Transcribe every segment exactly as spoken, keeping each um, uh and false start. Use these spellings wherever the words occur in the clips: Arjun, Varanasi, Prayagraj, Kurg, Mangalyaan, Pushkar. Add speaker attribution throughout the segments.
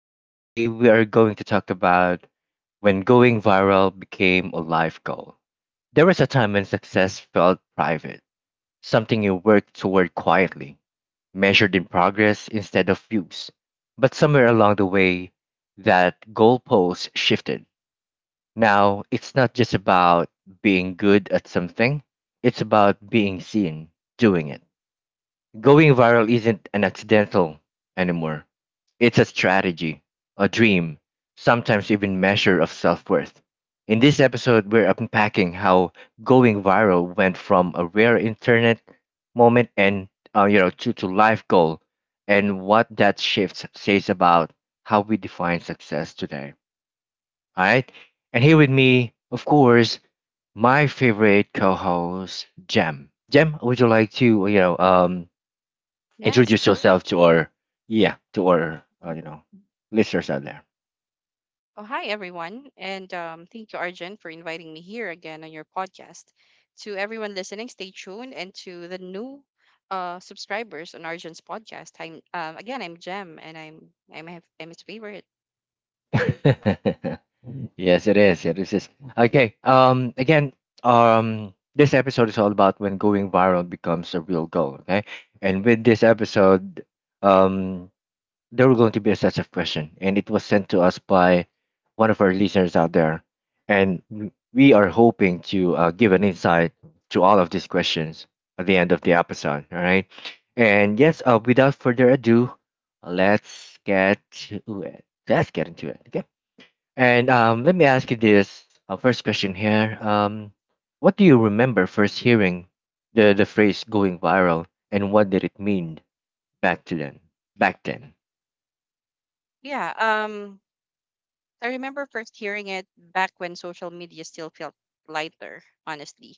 Speaker 1: And today we are going to talk about when going viral became a life goal. There was a time when success felt private, something you worked toward quietly, measured in progress instead of views. But somewhere along the way, that goalpost shifted. Now, it's not just about being good at something, it's about being seen, doing it. Going viral isn't an accidental anymore. It's a strategy, a dream, sometimes even measure of self-worth. In this episode, we're unpacking how going viral went from a rare internet moment and uh, you know to, to life goal and what that shift says about how we define success today. All right? And here with me, of course, my favorite co-host, Jem. Jem, would you like to, you know, um
Speaker 2: Yes.
Speaker 1: introduce yourself to our yeah to our uh,
Speaker 2: Mhm.
Speaker 1: you know listeners out there.
Speaker 2: Oh, hi, everyone. And um, thank you, Arjun, for inviting me here again on your podcast. To everyone listening, stay tuned. And to the new uh, subscribers on Arjun's podcast, I'm um, again, I'm Jem, and I'm I'm, his- I'm his favorite. Yeah.
Speaker 1: Yes it is, yeah, this is okay. Um again, um this episode is all about when going viral becomes a real goal. Okay, and with this episode, um there were going to be a set of questions, and it was sent to us by one of our listeners out there. And w- we are hoping to uh, give an insight to all of these questions at the end of the episode. All right. And yes, uh, without further ado, let's get to it. Let's get into it. Okay. And um, let me ask you this uh, first question here. Um, what do you remember first hearing the, the phrase going viral, and what did it mean back to then? Back then.
Speaker 2: Yeah. Um, I remember first hearing it back when social media still felt lighter, honestly.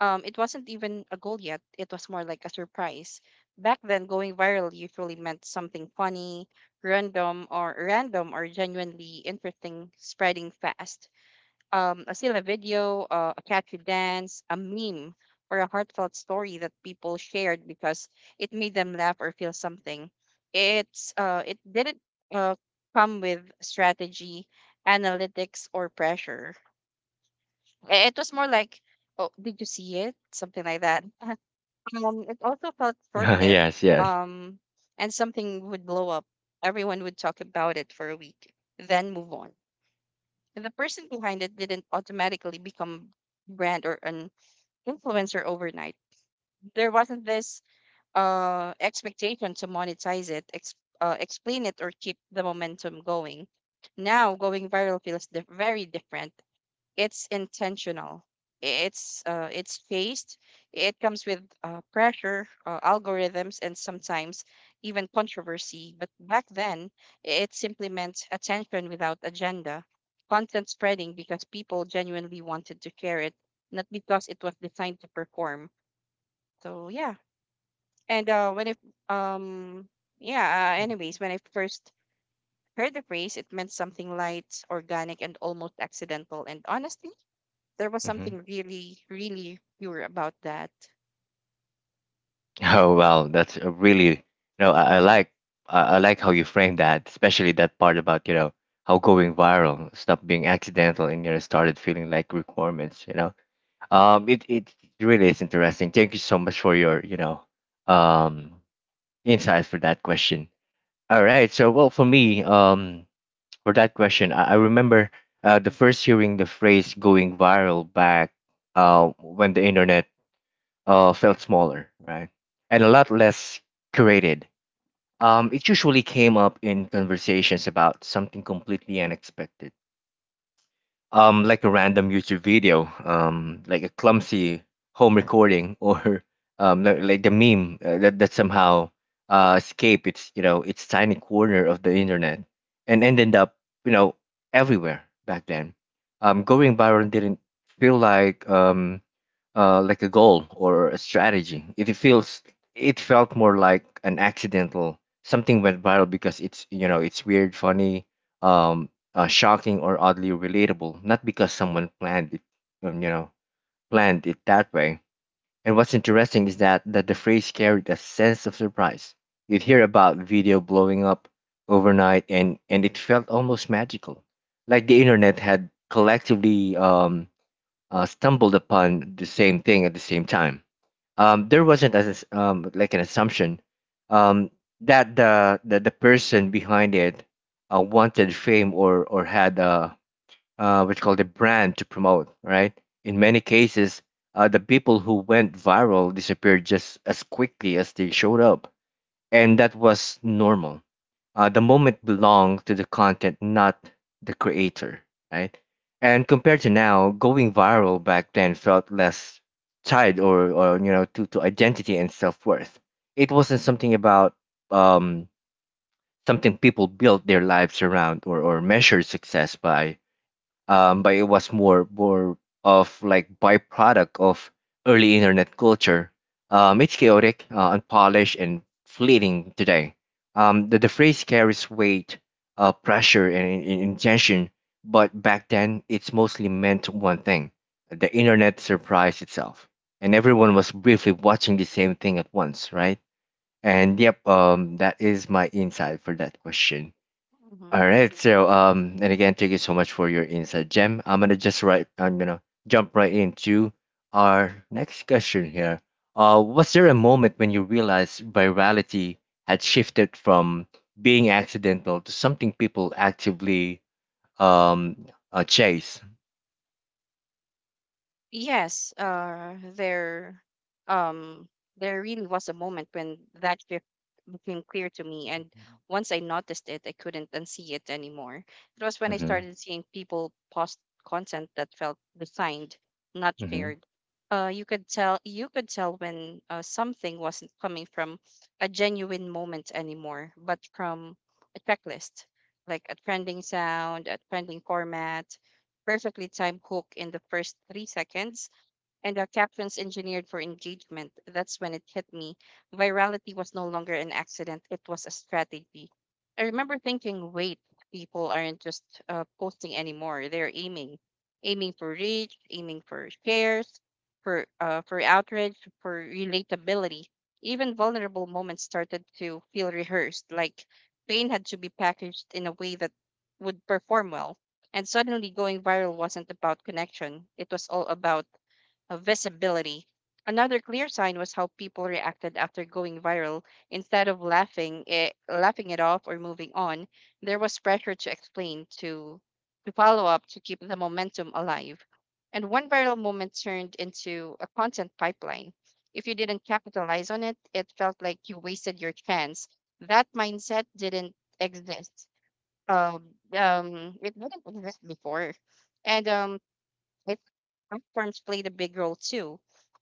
Speaker 2: Um, it wasn't even a goal yet, it was more like a surprise. Back then, going viral usually meant something funny, random or random or genuinely interesting spreading fast, um, a still a video, uh, a catchy dance, a meme, or a heartfelt story that people shared because it made them laugh or feel something. It's uh, it didn't uh, come with strategy, analytics, or pressure. I- It was more like, oh, did you see it? Something like that. Um, it also felt short-lived.
Speaker 1: Yes, yes.
Speaker 2: Um, and something would blow up. Everyone would talk about it for a week, then move on. The person behind it didn't automatically become brand or an influencer overnight. There wasn't this uh, expectation to monetize it, ex- uh, explain it, or keep the momentum going. Now, going viral feels di- very different. It's intentional, it's uh, it's phased, it comes with uh, pressure, uh, algorithms, and sometimes even controversy. But back then it simply meant attention without agenda, content spreading because people genuinely wanted to share it, not because it was designed to perform. So yeah. and uh, when if um yeah uh, anyways When I first heard the phrase, it meant something light, organic, and almost accidental, and honestly there was
Speaker 1: Hmm.
Speaker 2: something really, really pure about that.
Speaker 1: Oh well, that's a really no. I, I
Speaker 2: Hmm.
Speaker 1: like I, I like how you frame that, especially that part about you know how going viral stopped being accidental and you know started feeling like requirements. You know, um, it it really is interesting. Thank you so much for your you know um insight for that question. All right, so well for me, um for that question, I, I remember uh, the first hearing the phrase going viral back uh when the internet uh, felt smaller, right? And a lot less curated. Um, it usually came up in conversations about something completely unexpected, um, like a random YouTube video, um, like a clumsy home recording, or um, li- like the meme uh, that, that somehow uh, escaped its, you know, its tiny corner of the internet and ended up, you know, everywhere back then. Um, going viral didn't feel like um, uh, like a goal or a strategy. It feels it felt more like an accidental something went viral because it's you know it's weird, funny, um, uh, shocking or oddly relatable. Not because someone planned it, um, you know, planned it that way. And what's interesting is that that the phrase carried a sense of surprise. You'd hear about video blowing up overnight, and and it felt almost magical, like the internet had collectively um uh, stumbled upon the same thing at the same time. Um, there wasn't as um, like an assumption, um, that the, the the person behind it uh, wanted fame or or had a uh, what's called a brand to promote. Right? In many cases, uh, the people who went viral disappeared just as quickly as they showed up, and that was normal. Uh, the moment belonged to the content, not the creator, right? And compared to now, going viral back then felt less tied or, or you know, to, to identity and self worth. It wasn't something about um, something people built their lives around or, or measured success by, um, but it was more more of like byproduct of early internet culture. Um, it's chaotic, uh, unpolished, and fleeting today. Um, the, the phrase carries weight, uh, pressure, and in, in- intention, but back then it's mostly meant one thing: the internet surprised itself, and everyone was briefly watching the same thing at once, right? And yep, um, that is my insight for that question. All right. So um, and again, thank you so much for your insight, Jem. I'm gonna just right. I'm gonna jump right into our next question here. Uh, was there a moment when you realized virality had shifted from being accidental to something people actively um uh, chase?
Speaker 2: Yes, uh, there, um, there really was a moment when that shift became clear to me, and once I noticed it, I couldn't unsee it anymore. It was when I
Speaker 1: Mm-hmm.
Speaker 2: started seeing people post content that felt designed, not
Speaker 1: Mm-hmm.
Speaker 2: shared. Uh, you could tell, you could tell when uh, something wasn't coming from a genuine moment anymore, but from a checklist, like a trending sound, a trending format, perfectly timed hook in the first three seconds, and our captions engineered for engagement. That's when it hit me. Virality was no longer an accident, it was a strategy. I remember thinking, wait, people aren't just uh, posting anymore. They're aiming, aiming for reach, aiming for shares, for, uh, for outrage, for relatability. Even vulnerable moments started to feel rehearsed, like pain had to be packaged in a way that would perform well. And suddenly, going viral wasn't about connection, it was all about of visibility. Another clear sign was how people reacted after going viral. Instead of laughing it, laughing it off or moving on, there was pressure to explain, to to follow up, to keep the momentum alive. And one viral moment turned into a content pipeline. If you didn't capitalize on it, it felt like you wasted your chance. That mindset didn't exist. Um, um, it didn't exist before. And um, it Platforms played a big role too.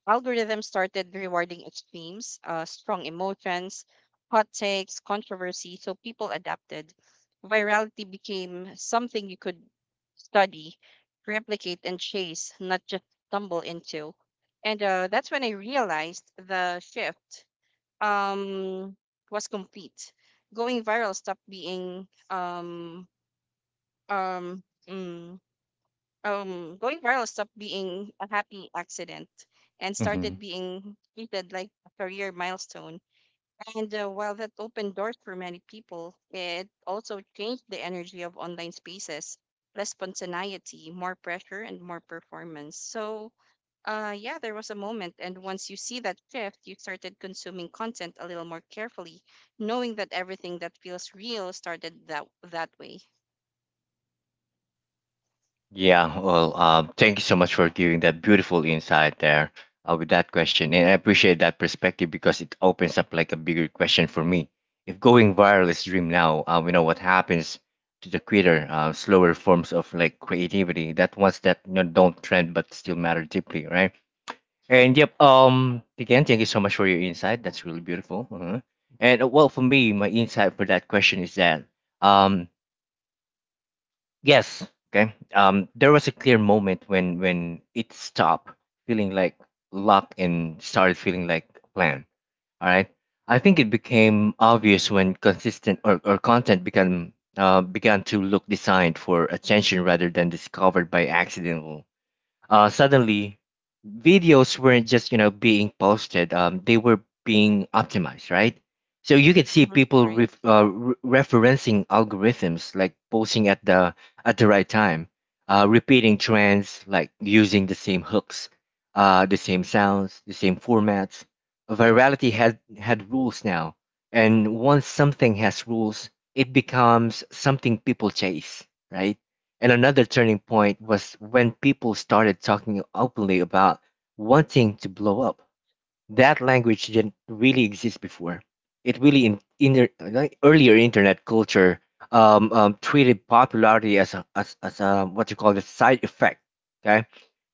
Speaker 2: Algorithms started rewarding extremes, uh, strong emotions, hot takes, controversy, so people adapted. Virality became something you could study, replicate, and chase, not just stumble into. And uh, That's when I realized the shift um, was complete. Going viral stopped being um, um, mm, um Going viral stopped being a happy accident and
Speaker 1: Mm-hmm.
Speaker 2: started being treated like a career milestone. And uh, While that opened doors for many people, it also changed the energy of online spaces: less spontaneity, more pressure, and more performance. So uh yeah, there was a moment, and once you see that shift, you started consuming content a little more carefully, knowing that everything that feels real started that that way.
Speaker 1: Yeah, well, uh, thank you so much for giving that beautiful insight there uh, with that question. And I appreciate that perspective because it opens up like a bigger question for me. If going viral is dream now, uh, we know what happens to the quitter, uh, slower forms of like creativity, that ones that you know, don't trend but still matter deeply, right? And yep, um, again, thank you so much for your insight. That's really beautiful. Uh And uh, well, for me, my insight for that question is that um, yes. Okay. Um, there was a clear moment when when it stopped feeling like luck and started feeling like a plan. All right. I think it became obvious when consistent or, or content began uh, began to look designed for attention rather than discovered by accident. Uh, suddenly videos weren't just you know being posted, um, they were being optimized, right? So you could see
Speaker 2: Hmm.
Speaker 1: people
Speaker 2: Right.
Speaker 1: ref, uh, re- referencing algorithms like posting at the at the right time, uh, repeating trends like using the same hooks, uh, the same sounds the same formats.
Speaker 2: Yeah.
Speaker 1: Virality had had rules now, and once something has rules it becomes something people chase, right? And another turning
Speaker 2: Right,
Speaker 1: point was when people started talking openly about wanting to blow up. That language didn't really exist before. It really in, in like earlier internet culture um, um, treated popularity as a, as, as a what you call the side effect. Okay,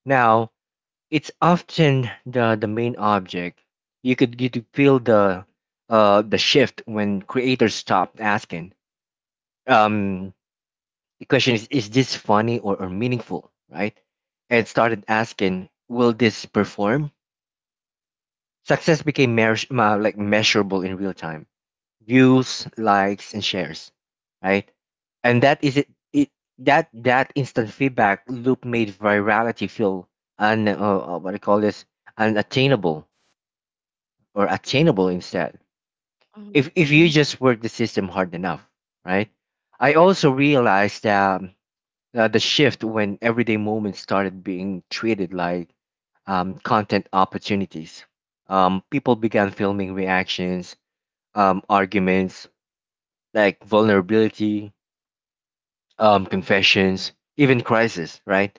Speaker 1: now it's often the the main object. You could you could feel the uh the shift when creators stopped asking um the question is, is this funny or, or meaningful, right? And started asking, will this perform? Success became meas- ma- like measurable in real time, views, likes, and shares, right? And that is it. it that that instant feedback loop made virality feel un uh, uh, what do you call this unattainable or attainable instead. If
Speaker 2: right.
Speaker 1: if you just work the system hard enough, right? I also realized that uh, the shift when everyday moments started being treated like um, content opportunities. Um, people began filming reactions, um, arguments, like vulnerability, um, confessions, even crisis, right?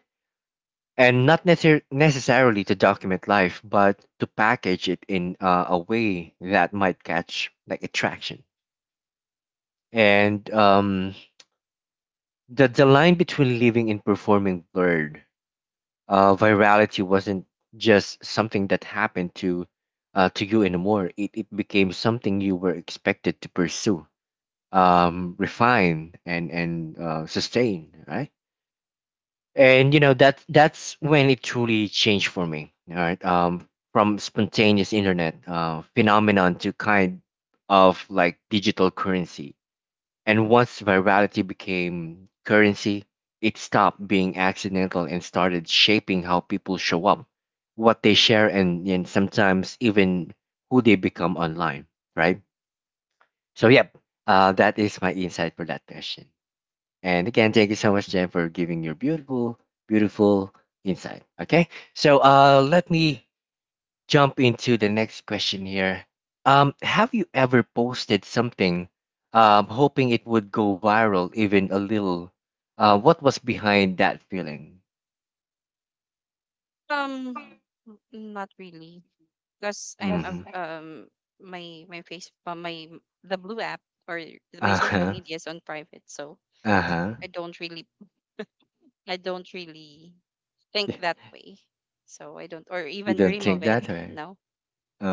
Speaker 1: And not necessar necessarily to document life, but to package it in uh, a way that might catch like attraction. And um, the the line between living and performing blurred. Uh, virality wasn't just something that happened to uh, to you anymore. It it became something you were expected to pursue, um, refine, and and uh, sustain, right? And you know that that's when it truly changed for me. All right, um, from spontaneous internet uh, phenomenon to kind of like digital currency. And once virality became currency, it stopped being accidental and started shaping how people show up, what they share, and, and sometimes even who they become online, right? So, yep, uh, that is my insight for that question. And again, thank you so much, Jen, for giving your beautiful, beautiful insight. Okay, so uh, let me jump into the next question here. Um, have you ever posted something um, hoping it would go viral, even a little? Uh, what was behind that feeling?
Speaker 2: Um, n- Not really, because I'm a
Speaker 1: Mm-hmm.
Speaker 2: a um my my face uh, my the blue app or my
Speaker 1: Uh
Speaker 2: social
Speaker 1: huh.
Speaker 2: media is on private, so
Speaker 1: Uh huh.
Speaker 2: I don't really I don't really think that way. So I don't or
Speaker 1: You
Speaker 2: even
Speaker 1: don't
Speaker 2: dream
Speaker 1: think
Speaker 2: of it.
Speaker 1: that way?
Speaker 2: No,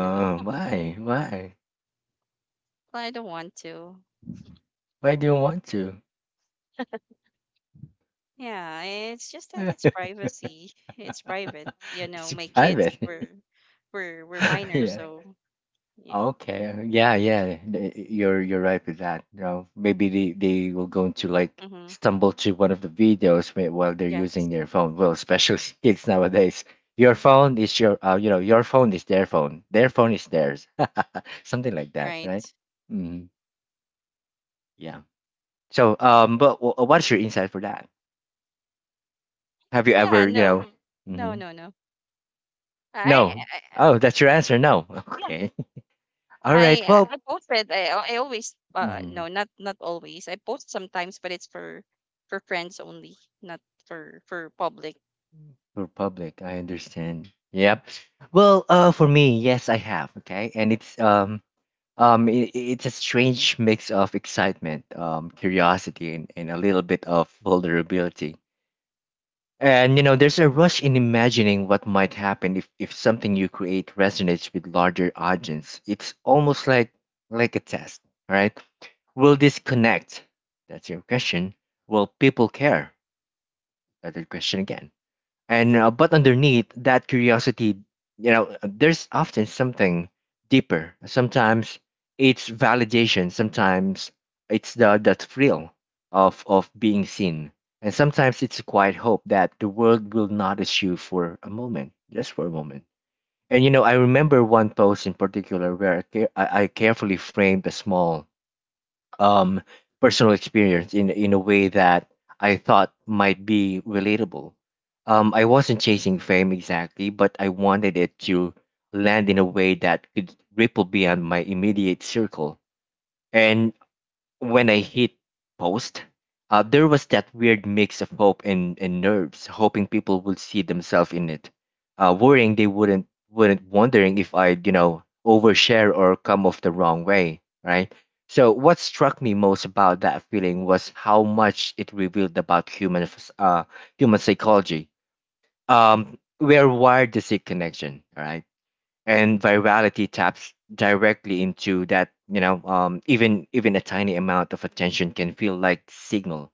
Speaker 2: no.
Speaker 1: why? Why?
Speaker 2: I don't want to.
Speaker 1: Why do you want to?
Speaker 2: Yeah, it's just that it's privacy. It's private. You know,
Speaker 1: It's
Speaker 2: my kids were
Speaker 1: private.
Speaker 2: were were minors,
Speaker 1: Yeah.
Speaker 2: so yeah.
Speaker 1: Okay. Yeah, yeah. th- You're you're right with that. You know, maybe they they will go into like
Speaker 2: Mm-hmm.
Speaker 1: stumble to one of the videos whe- while they're using
Speaker 2: Yes,
Speaker 1: their phone. Well, especially kids nowadays. Your phone is your uh, you know, your phone is their phone. Their phone is theirs. Something like that, right?
Speaker 2: right.
Speaker 1: Hmm. Yeah. So, um, but wh- uh, what's your insight for that? Have you
Speaker 2: Yeah,
Speaker 1: ever, you
Speaker 2: no,
Speaker 1: know,
Speaker 2: no,
Speaker 1: hmm
Speaker 2: no, no. I, I
Speaker 1: no.
Speaker 2: I-
Speaker 1: Oh, that's your answer. No.
Speaker 2: yeah,
Speaker 1: Okay. All right.
Speaker 2: I I
Speaker 1: Well,
Speaker 2: posted. I al- I always uh
Speaker 1: mhm.
Speaker 2: no, not not always. I post sometimes, but it's for for friends only, not for for public.
Speaker 1: For public, I understand. Yep. Well, uh, for me, yes, I have. Okay, and it's um um i i- it's a strange mix of excitement, um, curiosity, and, and a little bit of vulnerability. And you know, there's a rush in imagining what might happen if if something you create resonates with larger audience. It's almost like like a test, right? Will this connect? That's your question. Will people care? That's your question again and uh, but underneath that curiosity, you know, there's often something deeper. Sometimes it's validation, sometimes it's the that thrill of of being seen, and sometimes it's a quiet hope that the world will notice you for a moment, just for a moment. And you know, I remember one post in particular where i, care- I I carefully framed a small, um, personal experience in in a way that I thought might be relatable. Um, I wasn't chasing fame exactly, but I wanted it to land in a way that could ripple beyond my immediate circle. And when I hit post, uh, there was that weird mix of hope and, and nerves, hoping people would see themselves in it, uh, worrying they wouldn't, wouldn't wondering if I'd, you know, overshare or come off the wrong way, right? So what struck me most about that feeling was how much it revealed about human, phys- uh, human psychology. Um, we are wired to seek connection, right? And virality taps directly into that, you know. Um, even even a tiny amount of attention can feel like signal,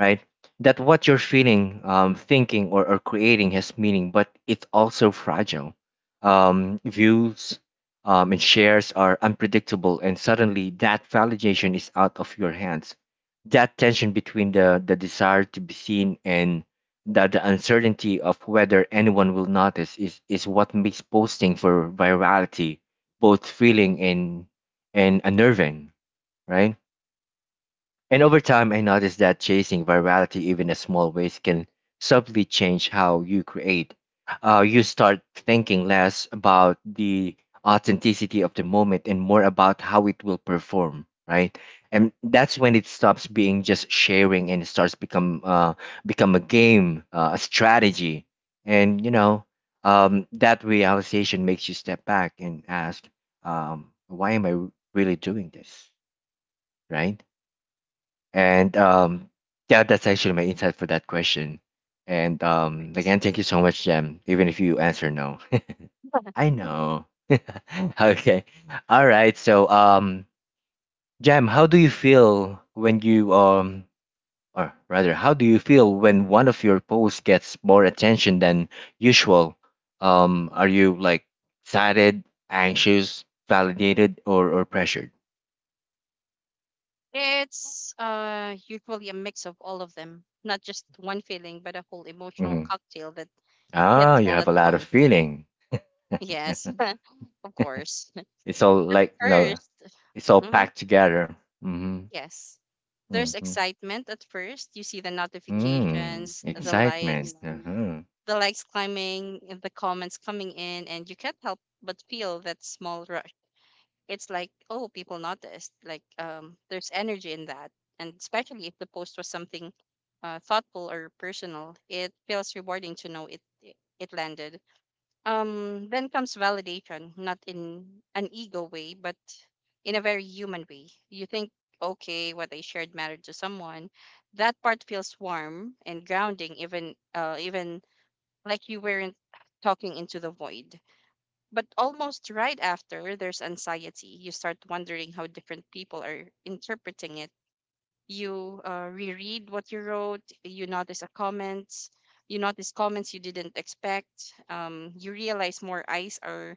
Speaker 1: right? That what you're feeling, um, thinking, or, or creating has meaning, but it's also fragile. Um, views um, and shares are unpredictable, and suddenly that validation is out of your hands. That tension between the, the desire to be seen and the, the uncertainty of whether anyone will notice is, is what makes posting for virality both thrilling and, and unnerving, right? And over time, I noticed that chasing virality, even in small ways, can subtly change how you create. Uh, you start thinking less about the authenticity of the moment and more about how it will perform, right? And that's when it stops being just sharing and it starts become uh, become a game, uh, a strategy. And you know, um, that realization makes you step back and ask, um, why am I really doing this, right? And um, yeah, that's actually my insight for that question. And um,
Speaker 2: Right.
Speaker 1: again, thank you so much, Jem, even if you answer no. I know. Okay. All right. So, um, Jam, how do you feel when you um, or rather, how do you feel when one of your posts gets more attention than usual? Um, are you like excited, anxious, validated, or or pressured?
Speaker 2: It's uh usually a mix of all of them, not just one feeling, but a whole emotional
Speaker 1: Mm-hmm.
Speaker 2: cocktail that
Speaker 1: Ah,
Speaker 2: hits
Speaker 1: you
Speaker 2: all
Speaker 1: have
Speaker 2: at
Speaker 1: a lot of
Speaker 2: once.
Speaker 1: feeling.
Speaker 2: Yes, of course.
Speaker 1: It's all
Speaker 2: At
Speaker 1: like no,
Speaker 2: first,
Speaker 1: it's all
Speaker 2: hmm
Speaker 1: packed together. Mm-hmm.
Speaker 2: yes, there's
Speaker 1: Mm-hmm.
Speaker 2: excitement at first. You see the
Speaker 1: Mm.
Speaker 2: notifications, the
Speaker 1: Excitement.
Speaker 2: likes,
Speaker 1: Uh-huh.
Speaker 2: the likes climbing and the comments coming in, and you can't help but feel that small rush. It's like, oh, people noticed, like, um there's energy in that. And especially if the post was something uh, thoughtful or personal, it feels rewarding to know it it it landed. Um, then comes validation, not in an ego way, but in a very human way. You think, okay, what I shared mattered to someone. That part feels warm and grounding, even uh even like you weren't talking into the void. But almost right after, there's anxiety. You start wondering how different people are interpreting it. You uh, reread what you wrote. You notice a comments you notice comments you didn't expect. Um, you realize more eyes are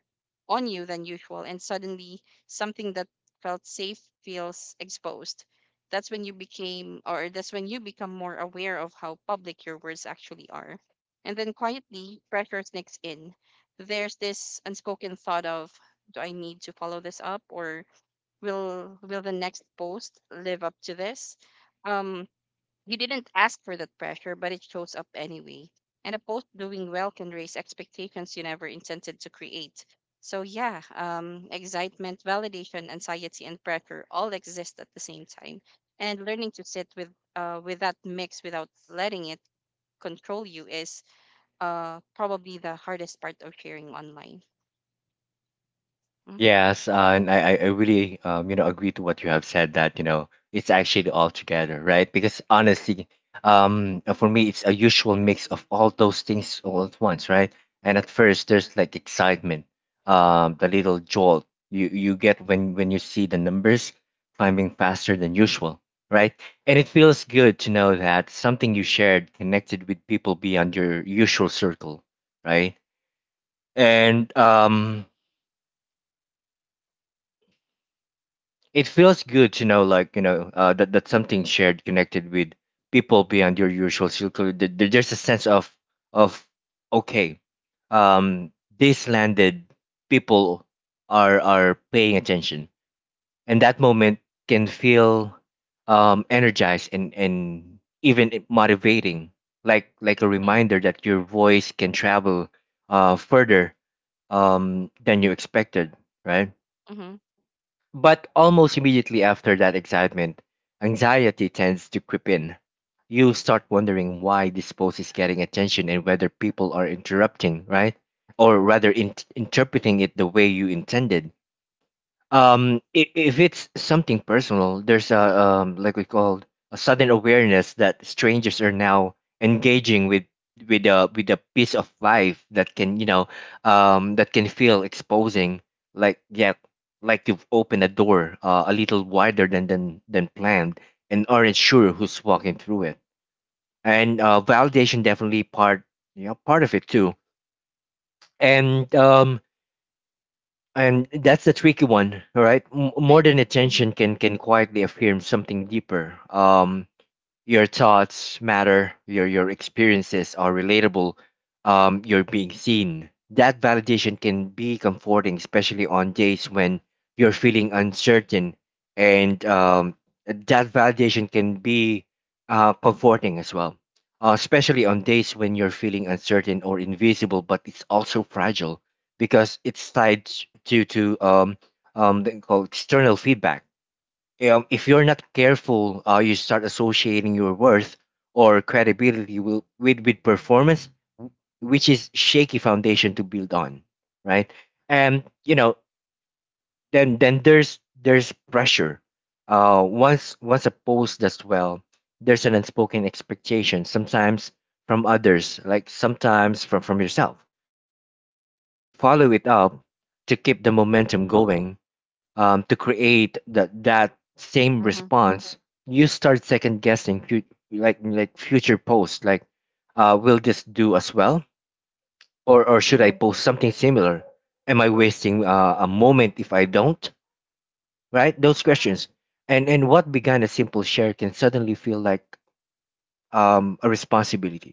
Speaker 2: on you than usual, and suddenly something that felt safe feels exposed. That's when you became or that's when you become more aware of how public your words actually are. And then quietly pressure sneaks in. There's this unspoken thought of, do I need to follow this up, or will will the next post live up to this? Um, you didn't ask for that pressure, but it shows up anyway, and a post doing well can raise expectations you never intended to create. So yeah, um excitement, validation, anxiety, and pressure all exist at the same time, and learning to sit with uh with that mix without letting it control you is uh probably the hardest part of sharing online. Mm-hmm.
Speaker 1: Yes, uh, and I, I I really, um, you know, agree to what you have said, that you know, it's actually all together, right? Because honestly, um, uh, for me it's a usual mix of all those things all at once, right? And at first there's like excitement, um, the little jolt you you get when when you see the numbers climbing faster than usual, right? And it feels good to know that something you shared connected with people beyond your usual circle, right? And um, it feels good to know, like you know, uh, that that something shared connected with people beyond your usual circle. Th- th- There's a sense of of okay, um, these landed, people are are paying attention, and that moment can feel um, energized and and even it- motivating, like like a reminder that your voice can travel uh, further, um, than you expected, right?
Speaker 2: Mm-hmm.
Speaker 1: But almost immediately after that excitement, anxiety tends to creep in. You start wondering why this post is getting attention and whether people are interrupting, right? Or rather, in- interpreting it the way you intended. Um i- if it's something personal, there's a, um like we called, a sudden awareness that strangers are now engaging with with a with a piece of life that can, you know, um that can feel exposing, like yeah, like you've opened a door uh, a little wider than than than planned, and aren't sure who's walking through it. And uh validation definitely part, you know, part of it too. And um and that's the tricky one, all right? M-
Speaker 2: Right.
Speaker 1: modern
Speaker 2: Mm-hmm.
Speaker 1: attention can can quietly affirm something deeper. Um, your thoughts matter. Your your experiences are relatable. Um, you're being seen. That validation can be comforting, especially on days when you're feeling uncertain, and um, that validation can be uh, comforting as well. Uh, especially on days when you're feeling uncertain or invisible, but it's also fragile because it's tied to to um, um, they call external feedback. Um, if you're not careful, uh, you start associating your worth or credibility will, with with performance, w- which is shaky foundation to build on, right? And you know, then then there's there's pressure. Uh, once once a post does well, there's an unspoken expectation, sometimes from others, like sometimes from from yourself. Um, you know, t- to follow it up, to keep the momentum going, um, to create that that same
Speaker 2: Mm-hmm.
Speaker 1: response. You start second guessing fut- like like future posts, like uh, will this do as well, or or should I
Speaker 2: Mm-hmm.
Speaker 1: post something similar? Am I wasting uh, a moment if I don't? Right? Those questions. And and what began as simple share can suddenly feel like, um, a responsibility,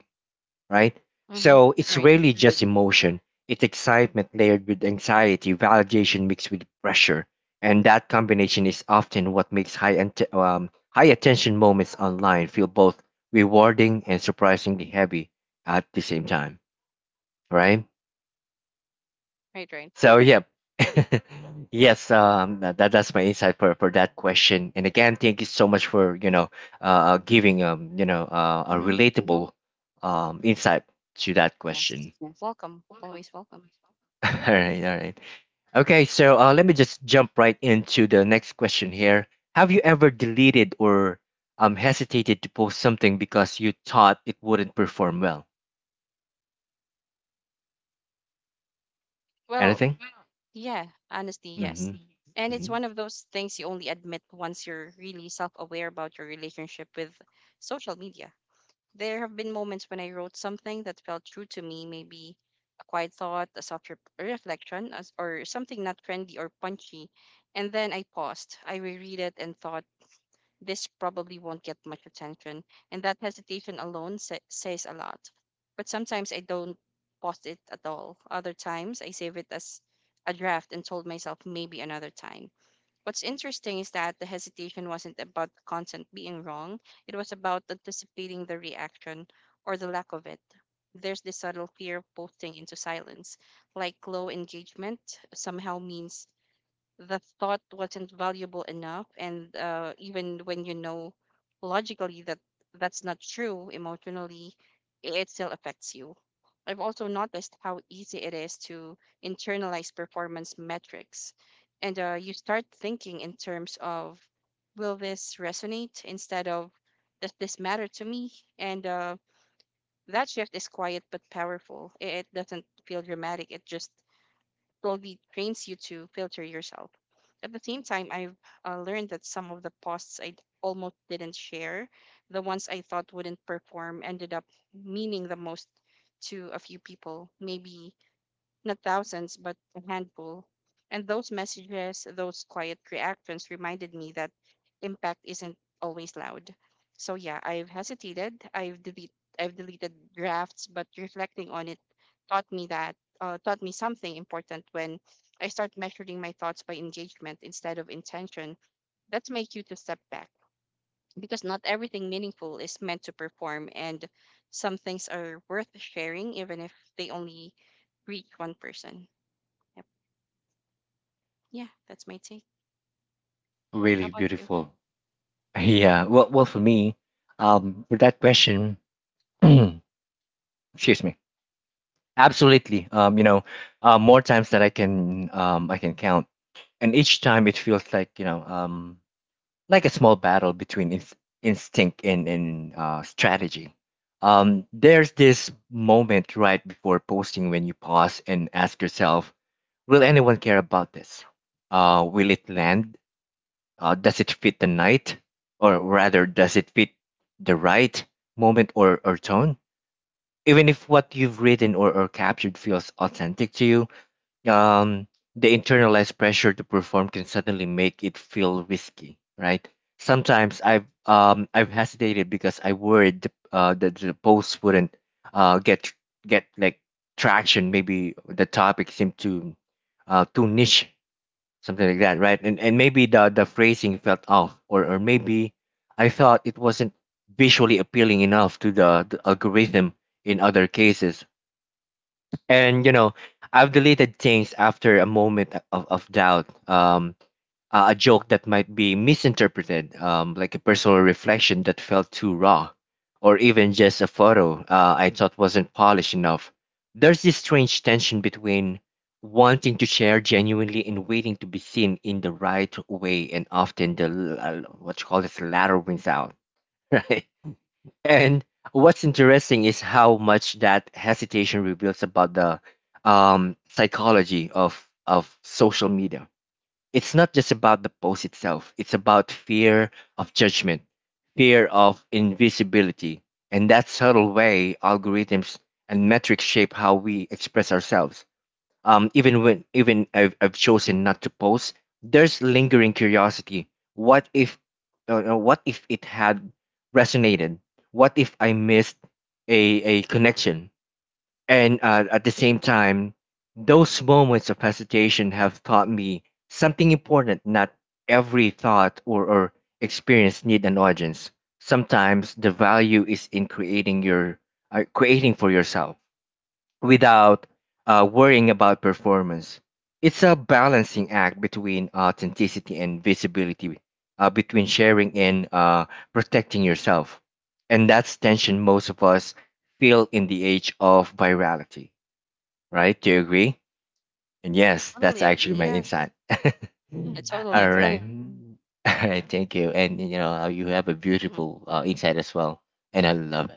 Speaker 1: right?
Speaker 2: Mm-hmm.
Speaker 1: So it's
Speaker 2: Right.
Speaker 1: rarely just emotion. It's excitement layered with anxiety, validation mixed with pressure, and that combination is often what makes high ante- um, high attention moments online feel both rewarding and surprisingly heavy at the same time, right?
Speaker 2: Right, right.
Speaker 1: So yep. Yes, um, that that- that's my insight for for that question. And again, thank you so much for, you know, uh giving, um you know, uh, a
Speaker 2: Mm-hmm.
Speaker 1: relatable um insight to that
Speaker 2: Yes.
Speaker 1: question.
Speaker 2: Welcome. Always welcome.
Speaker 1: All right, all right. Okay, so uh, let me just jump right into the next question here. Have you ever deleted or um hesitated to post something because you thought it wouldn't perform well?
Speaker 2: Well,
Speaker 1: Anything?
Speaker 2: yeah, honestly, yes.
Speaker 1: Mm-hmm.
Speaker 2: And it's
Speaker 1: Hmm.
Speaker 2: one of those things you only admit once you're really self aware about your relationship with social media. There have been moments when I wrote something that felt true to me, maybe a quiet thought, a soft re- reflection, as, or something not trendy or punchy. And then I paused. I reread it and thought, this probably won't get much attention. And that hesitation alone sa- says a lot. But sometimes I don't post it at all. Other times I save it as a draft and told myself maybe another time. What's interesting is that the hesitation wasn't about the content being wrong, it was about anticipating the reaction or the lack of it. There's this subtle fear of posting into silence, like low engagement somehow means the thought wasn't valuable enough. And uh, Even when you know logically that that's not true, emotionally i- it still affects you. I've also noticed how easy it is to internalize performance metrics, and uh, you start thinking in terms of will this resonate instead of does this matter to me. And uh, That shift is quiet but powerful. I- it doesn't feel dramatic, it just slowly trains you to filter yourself. At the same time, I've uh, learned that some of the posts I almost didn't share, the ones I thought wouldn't perform, ended up meaning the most to a few people. Maybe not thousands, but a handful. And those messages, those quiet reactions reminded me that impact isn't always loud. So yeah, I've hesitated. I've delete, I've deleted drafts, but reflecting on it taught me that uh, taught me something important: when I start measuring my thoughts by engagement instead of intention, that's my cue to step back, because not everything meaningful is meant to perform, and some things are worth sharing even if they only reach one person. Yep. Yeah, that's my take. How
Speaker 1: Really
Speaker 2: about you?
Speaker 1: beautiful. Yeah. Well, well, for me, um, for that question, excuse me. Absolutely. Um, you know, uh, more times that I can, um, I can count, and each time it feels like, you know, um, like a small battle between ins- instinct and, and uh, strategy. Um, there's this moment right before posting when you pause and ask yourself, will anyone care about this? Uh, will it land? Uh, does it fit the night? Or rather, does it fit the right moment or, or tone? Even if what you've written, or, or captured feels authentic to you, um, the internalized pressure to perform can suddenly make it feel risky, right? Sometimes I've um, I've hesitated because I worried the- uh, that the post wouldn't uh, get get like traction. Maybe the topic seemed too uh, too niche, something like that, right? And and maybe the the phrasing felt off, or or maybe I thought it wasn't visually appealing enough to the, the algorithm in other cases. And you know, I've deleted things after a moment of, of doubt. Um, a a joke that might be misinterpreted, um, like a personal reflection that felt too raw, or even just a photo uh, I thought wasn't polished enough. There's this strange tension between wanting to share genuinely and waiting to be seen in the right way, and often the l- uh, what you call this latter wins out, right? And what's interesting is how much that hesitation reveals about the, um, psychology of of social media. It's not just about the post itself. It's about fear of judgment, fear of invisibility, and that subtle way algorithms and metrics shape how we express ourselves. Um, even when even I've, I've chosen not to post, there's lingering curiosity. What if, uh, uh, what if it had resonated? What if I missed a a connection? And uh, at the same time, those moments of hesitation have taught me something important. Not every thought or or experience need an audience. Sometimes the value is in creating your uh, creating for yourself without uh, worrying about performance. It's a balancing act between authenticity and visibility, uh, between sharing and uh, protecting yourself. And that's tension most of us feel in the age of virality, right? Do you agree? And yes, that's
Speaker 2: Totally agree.
Speaker 1: actually my
Speaker 2: Yes.
Speaker 1: insight.
Speaker 2: Mhm. I
Speaker 1: Mm.
Speaker 2: totally
Speaker 1: All
Speaker 2: agree.
Speaker 1: right. Mm. All right, thank you. And you know, uh, you have a
Speaker 2: Hmm.
Speaker 1: beautiful uh, insight as well, and I love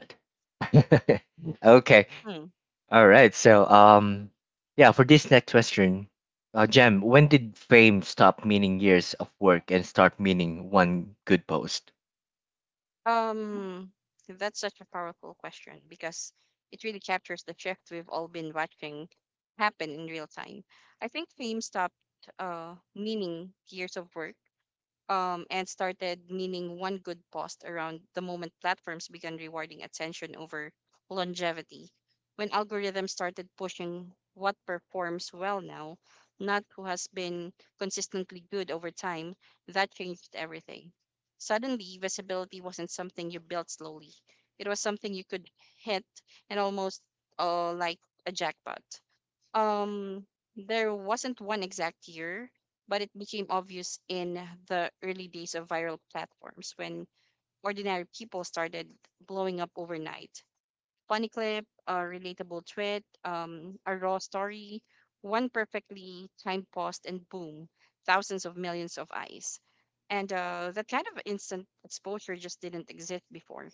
Speaker 1: it. Okay,
Speaker 2: Hmm.
Speaker 1: all right. So, um, yeah, for this next question, uh, Jem, when did fame stop meaning years of work and start meaning one good post?
Speaker 2: Um, that's such a powerful question because it really captures the shift we've all been watching happen in real time. I think fame stopped uh, meaning years of work, um, and started meaning one good post around the moment platforms began rewarding attention over longevity. When algorithms started pushing what performs well now, not who has been consistently good over time, that changed everything. Suddenly, visibility wasn't something you built slowly, it was something you could hit, and almost uh, like a jackpot. Um, there wasn't one exact year, but it became obvious in the early days of viral platforms when ordinary people started blowing up overnight. Funny clip, a relatable tweet, um, a raw story, one perfectly timed post, and boom, thousands of millions of eyes. And uh, That kind of instant exposure just didn't exist before.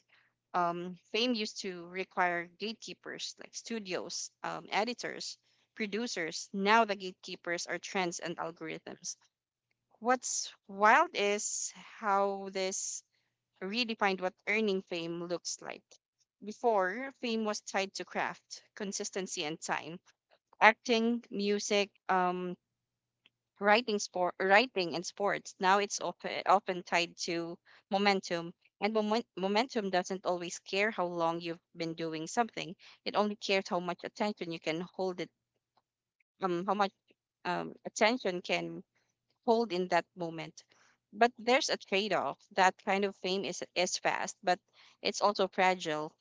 Speaker 2: um, Fame used to require gatekeepers like studios, um, editors, producers. Now the gatekeepers are trends and algorithms. What's wild is how this redefined what earning fame looks like. Before, fame was tied to craft, consistency, and time. Acting, music, um, writing sport writing and sports, now it's often often tied to momentum and moment, momentum doesn't always care how long you've been doing something. It only cares how much attention you can hold it um how much um attention can hold in that moment. But there's a trade off. That kind of fame is, is fast, but it's also fragile.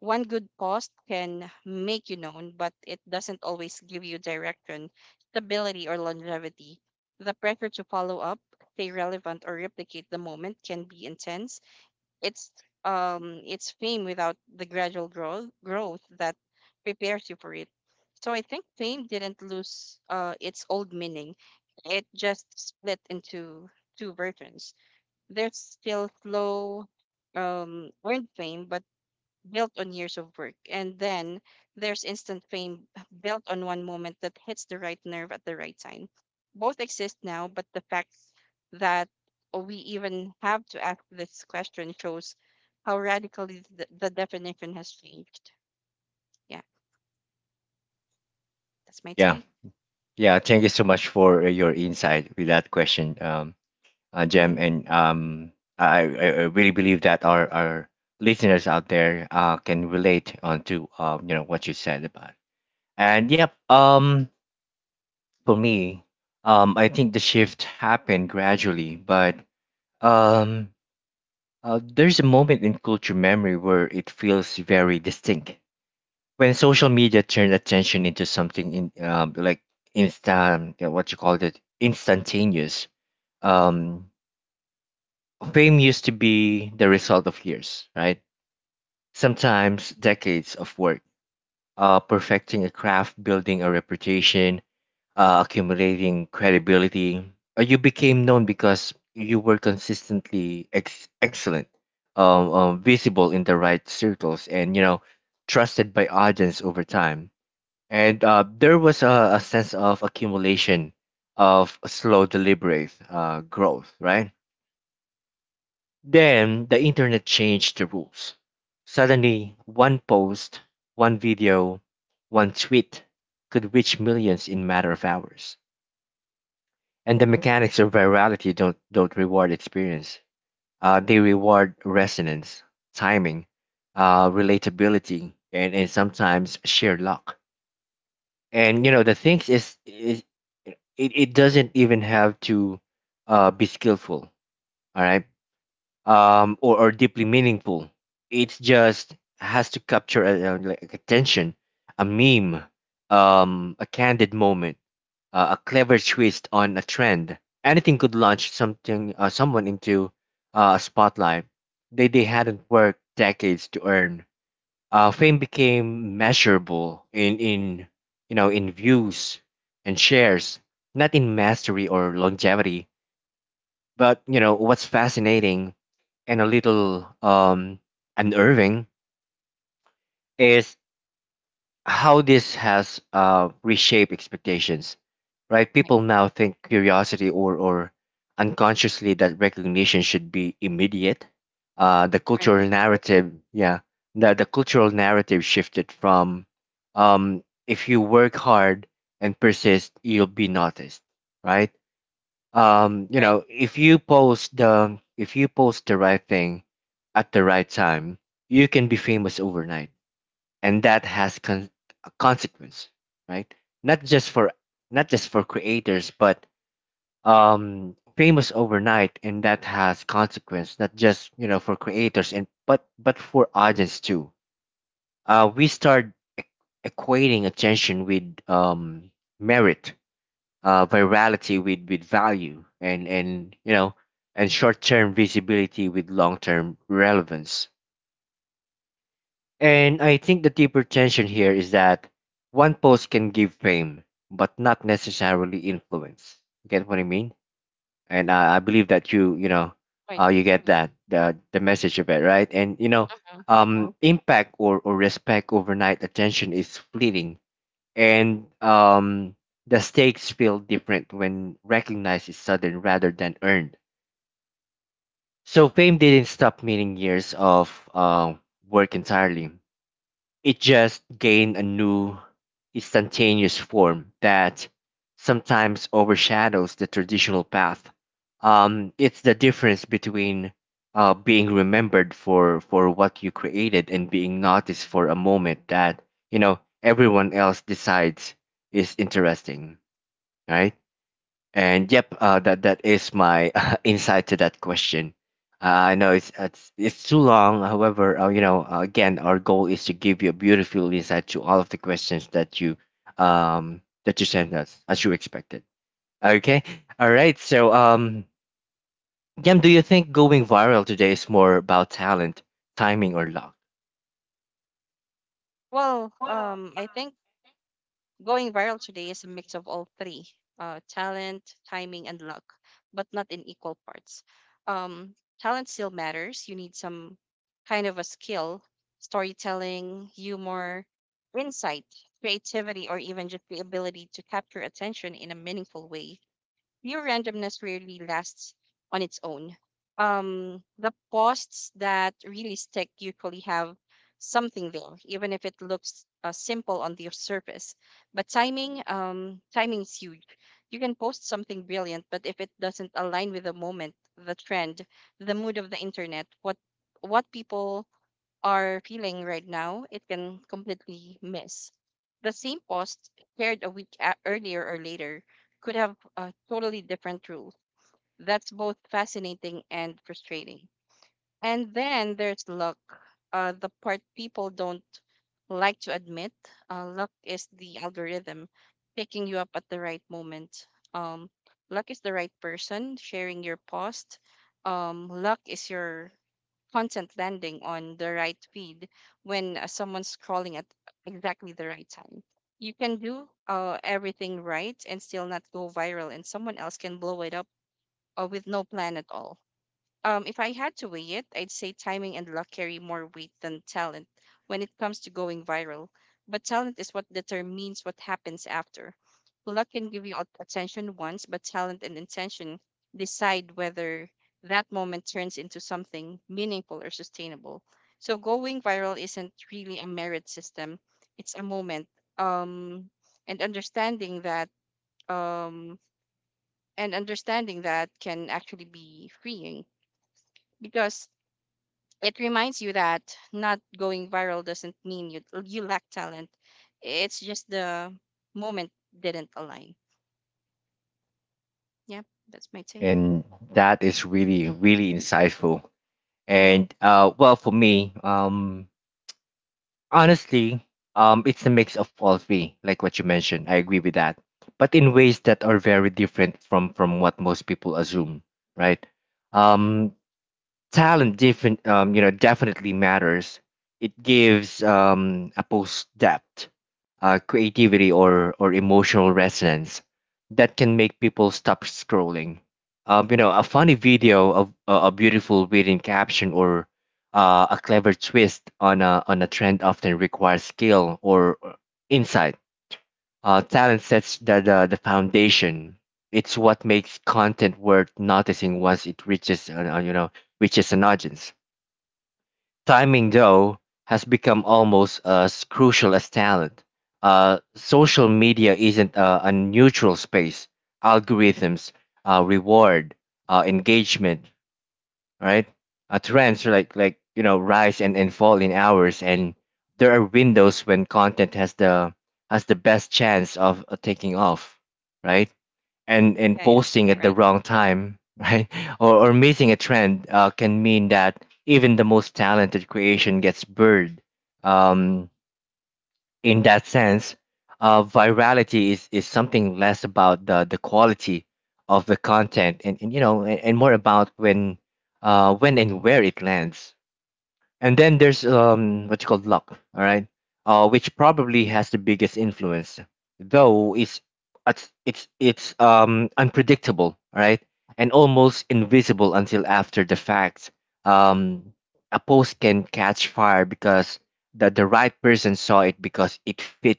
Speaker 2: One good post can make you known, but it doesn't always give you direction, stability, or longevity. The pressure to follow up, stay relevant, or replicate the moment can be intense. It's um it's fame without the gradual growth growth that prepares you for it. So I think fame didn't lose uh, its old meaning, it just split into two versions. There's still slow, um, earned fame, but built on years of work. And then there's instant fame built on one moment that hits the right nerve at the right time. Both exist now, but the fact that we even have to ask this question shows how radically the, the definition has changed. Yeah, that's my
Speaker 1: Yeah.
Speaker 2: take.
Speaker 1: Yeah. Thank you so much for uh, your insight with that question, um, uh,
Speaker 2: Hmm.
Speaker 1: Jem. And um, I, I I really believe that our, our listeners out there uh, can relate on to, um, you know, what you said about. And yep, um, for me, um, I think the shift happened gradually, but um Uh, there's a moment in culture memory where it feels very distinct when social media turned attention into something in um, like instant, yeah, what you call it, instantaneous. Um, Fame used to be the result of years, right? Sometimes decades of work, uh, perfecting a craft, building a reputation, uh, accumulating credibility. Uh, you became known because you were consistently ex- excellent, um, um, visible in the right circles, and you know, trusted by audience over time. And uh, there was a, a sense of accumulation of slow, deliberate uh, growth, right? Then the internet changed the rules. Suddenly, one post, one video, one tweet could reach millions in matter of hours, and the mechanics of virality don't don't reward experience. Uh, they reward resonance, timing, uh, relatability, and, and sometimes sheer luck. And you know, the things is, is it, it doesn't even have to uh, be skillful, all right? Um, or or deeply meaningful. It just has to capture a, a, like attention, a meme, um, a candid moment, uh, a clever twist on a trend. Anything could launch something, uh, someone into uh, a spotlight they they hadn't worked decades to earn. Uh, fame became measurable in in you know, in views and shares, not in mastery or longevity. But you know what's fascinating and a little um, unnerving is how this has uh, reshaped expectations, right?
Speaker 2: Right,
Speaker 1: People now think curiosity or or unconsciously that recognition should be immediate. Uh, the
Speaker 2: right,
Speaker 1: cultural narrative, yeah, the the cultural narrative shifted from, um, "If you work hard and persist, you'll be noticed," right? Um, you
Speaker 2: right,
Speaker 1: know, "if you post the if you post the right thing at the right time, you can be famous overnight." And that has con- a consequence, right? Not just for— not just for creators, but um famous overnight, and that has consequence, not just, you know, for creators and but but for audience too. Uh we start e- equating attention with um merit, uh virality with with value, and and you know and short-term visibility with long-term relevance. And I think the deeper tension here is that one post can give fame, but not necessarily influence. You get what I mean? And uh, I believe that you, you know, uh, you
Speaker 2: right.
Speaker 1: get that the the message of it, right? And you know,
Speaker 2: Uh-huh.
Speaker 1: um, impact or or respect, overnight attention is fleeting, and um, the stakes feel different when recognized is sudden rather than earned. So fame didn't stop meaning years of uh, work entirely. It just gained a new, instantaneous form that sometimes overshadows the traditional path. Um, it's the difference between uh, being remembered for, for what you created and being noticed for a moment that, you know, everyone else decides is interesting, right? And yep, uh, that that is my uh, insight to that question. Uh, I know it's, it's it's too long. However, uh, you know, uh, again, our goal is to give you a beautiful insight to all of the questions that you um that you sent us as you expected. Okay, all right. So, um, Yam, do you think going viral today is more about talent, timing, or luck?
Speaker 2: Well, um, I think going viral today is a mix of all three: uh, talent, timing, and luck, but not in equal parts. Um, talent still matters. You need some kind of a skill: storytelling, humor, insight, creativity, or even just the ability to capture attention in a meaningful way. Pure randomness rarely lasts on its own. Um, the posts that really stick usually have something there, even if it looks uh, simple on the surface. But timing, um, timing is huge. You can post something brilliant, but if it doesn't align with the moment, the trend, the mood of the internet, what what people are feeling right now, it can completely miss. The same post shared a week a- earlier or later could have a totally different rule. That's both fascinating and frustrating. And then there's luck, uh, the part people don't like to admit. Uh, luck is the algorithm picking you up at the right moment. Um, Luck is the right person sharing your post. Um, luck is your content landing on the right feed when uh, someone's scrolling at exactly the right time. You can do uh, everything right and still not go viral, and someone else can blow it up uh, with no plan at all. Um, if I had to weigh it, I'd say timing and luck carry more weight than talent when it comes to going viral. But talent is what determines what happens after. Luck can give you at- attention once, but talent and intention decide whether that moment turns into something meaningful or sustainable. So going viral isn't really a merit system, it's a moment. Um, and understanding that um, and understanding that can actually be freeing because it reminds you that not going viral doesn't mean you you lack talent. It's just the moment didn't align. Yep, that's my take.
Speaker 1: And that is really really insightful.
Speaker 2: Mm-hmm.
Speaker 1: And uh, well, for me, um, honestly, um, it's a mix of all three, like what you mentioned. I agree with that, but in ways that are very different from from what most people assume, right? Um, Talent different um, you know, definitely matters. It gives um, a post depth, uh, creativity or or emotional resonance that can make people stop scrolling. Um, you know, a funny video of a a beautiful written caption, or uh, a clever twist on a on a trend often requires skill or or insight. Uh, talent sets the, the, the foundation. It's what makes content worth noticing once it reaches uh, uh, you know, reaches an audience. Timing though has become almost as crucial as talent. Uh, social media isn't a, a neutral space. Algorithms uh, reward uh, engagement, right? Uh, trends are like like, you know, rise and, and fall in hours, and there are windows when content has the has the best chance of uh, taking off, right? And and
Speaker 2: Yeah, yeah,
Speaker 1: posting at the
Speaker 2: right.
Speaker 1: wrong time, right? Or or missing a trend uh, can mean that even the most talented creation gets buried. Um, in that sense, uh, virality is, is something less about the, the quality of the content, and, and you know, and, and more about when uh, when and where it lands. And then there's um what you call luck, all right? Uh, which probably has the biggest influence, though it's it's it's it's um unpredictable, all right? And almost invisible until after the fact. Um, a post can catch fire because the the right person saw it, because it fit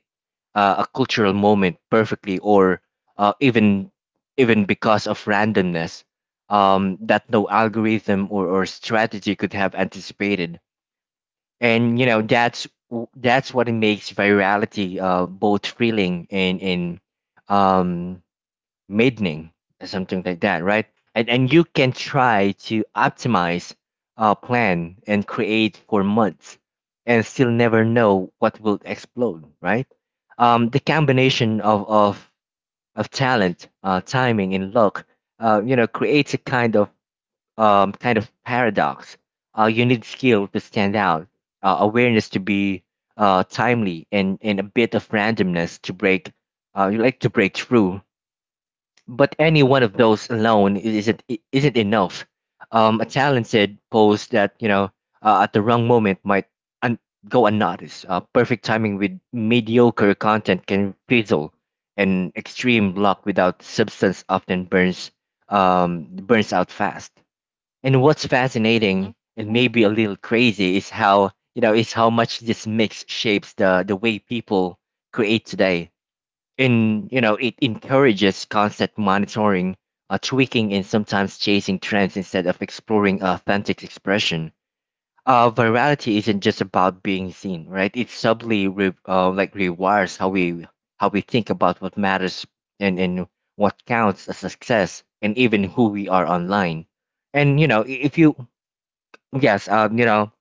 Speaker 1: uh, a cultural moment perfectly, or uh, even even because of randomness um, that no algorithm or, or strategy could have anticipated. And you know, that's w- that's what makes virality uh both thrilling and and um maddening, or something like that, right? And and you can try to optimize, uh plan, and create for months, and still never know what will explode, right? Um the combination of of of talent, uh timing, and luck, uh you know, creates a kind of um, kind of paradox. Uh, you need skill to stand out, uh, awareness to be uh, timely, and, and a bit of randomness to break. Uh, you like to break through, but any one of those alone i- isn't i- isn't enough. Um, a talented post that, you know, uh, at the wrong moment, might un- go unnoticed. Uh, perfect timing with mediocre content can fizzle, and extreme luck without substance often burns um, burns out fast. And what's
Speaker 2: Mm-hmm.
Speaker 1: fascinating, and maybe a little crazy, is how, you know, is how much this mix shapes the the way people create today. And you know, it encourages constant monitoring, uh, tweaking, and sometimes chasing trends instead of exploring authentic expression. Uh, virality isn't just about being seen, right? It subtly re- uh, like rewires how we how we think about what matters, and and what counts as success, and even who we are online. And you know, i- if you— yes, um, you know,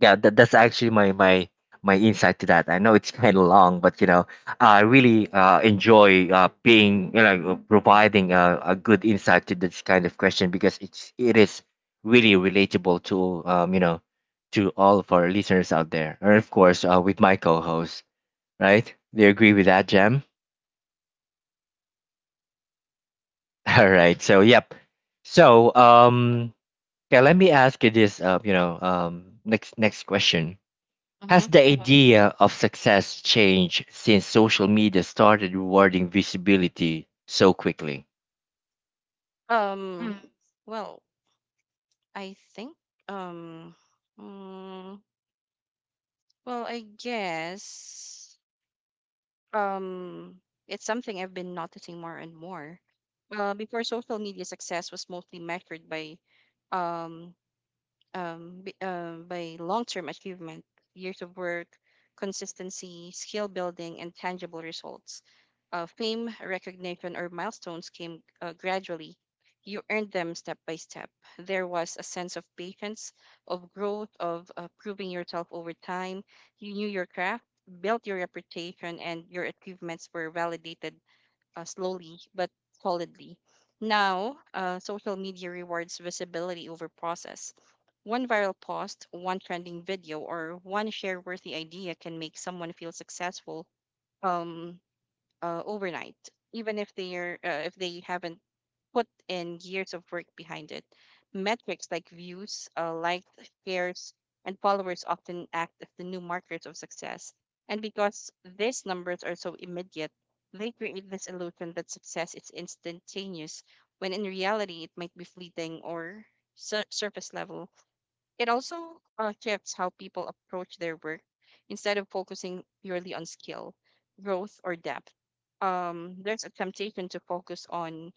Speaker 1: yeah, that, that's actually my my my insight to that. I know it's kind of long, but you know, I really uh, enjoy uh, being, you know, providing a, a good insight to this kind of question, because it's it is really relatable to um, you know, to all of our listeners out there, and of course uh, with my co-host, right? Do you agree with that, Jam? All right, so yep. So um, yeah, let me ask you this, uh, you know, um, next next question: has
Speaker 2: Mm-hmm.
Speaker 1: the idea of success changed since social media started rewarding visibility so quickly?
Speaker 2: Um, well, I think um, mm, well, I guess um, it's something I've been noticing more and more. Uh, before social media, success was mostly measured by um um, b- uh, by long term achievement, years of work, consistency, skill building, and tangible results. Uh, fame, recognition, or milestones came uh, gradually. You earned them step by step. There was a sense of patience, of growth, of uh, proving yourself over time. You knew your craft, built your reputation, and your achievements were validated uh, slowly but solidly. Now, uh, social media rewards visibility over process. One viral post, one trending video, or one share worthy idea can make someone feel successful, um, uh, overnight, even if they're uh, if they haven't put in years of work behind it. Metrics like views, uh, likes, shares, and followers often act as the new markers of success. And because these numbers are so immediate, they create this illusion that success is instantaneous, when in reality it might be fleeting or sur- surface level. It also uh, shifts how people approach their work. Instead of focusing purely on skill, growth, or depth, um, there's a temptation to focus on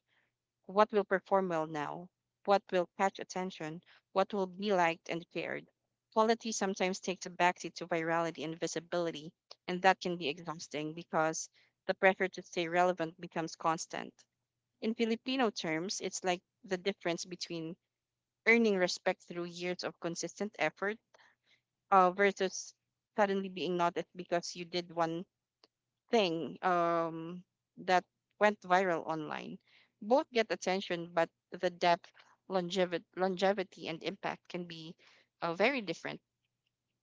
Speaker 2: what will perform well now, what will catch attention, what will be liked and shared. Quality sometimes takes a backseat to virality and visibility, and that can be exhausting because the pressure to stay relevant becomes constant. In Filipino terms, it's like the difference between earning respect through years of consistent effort uh, versus suddenly being noticed because you did one thing um, that went viral online. Both get attention, but the depth, longevity, longevity and impact can be uh, very different.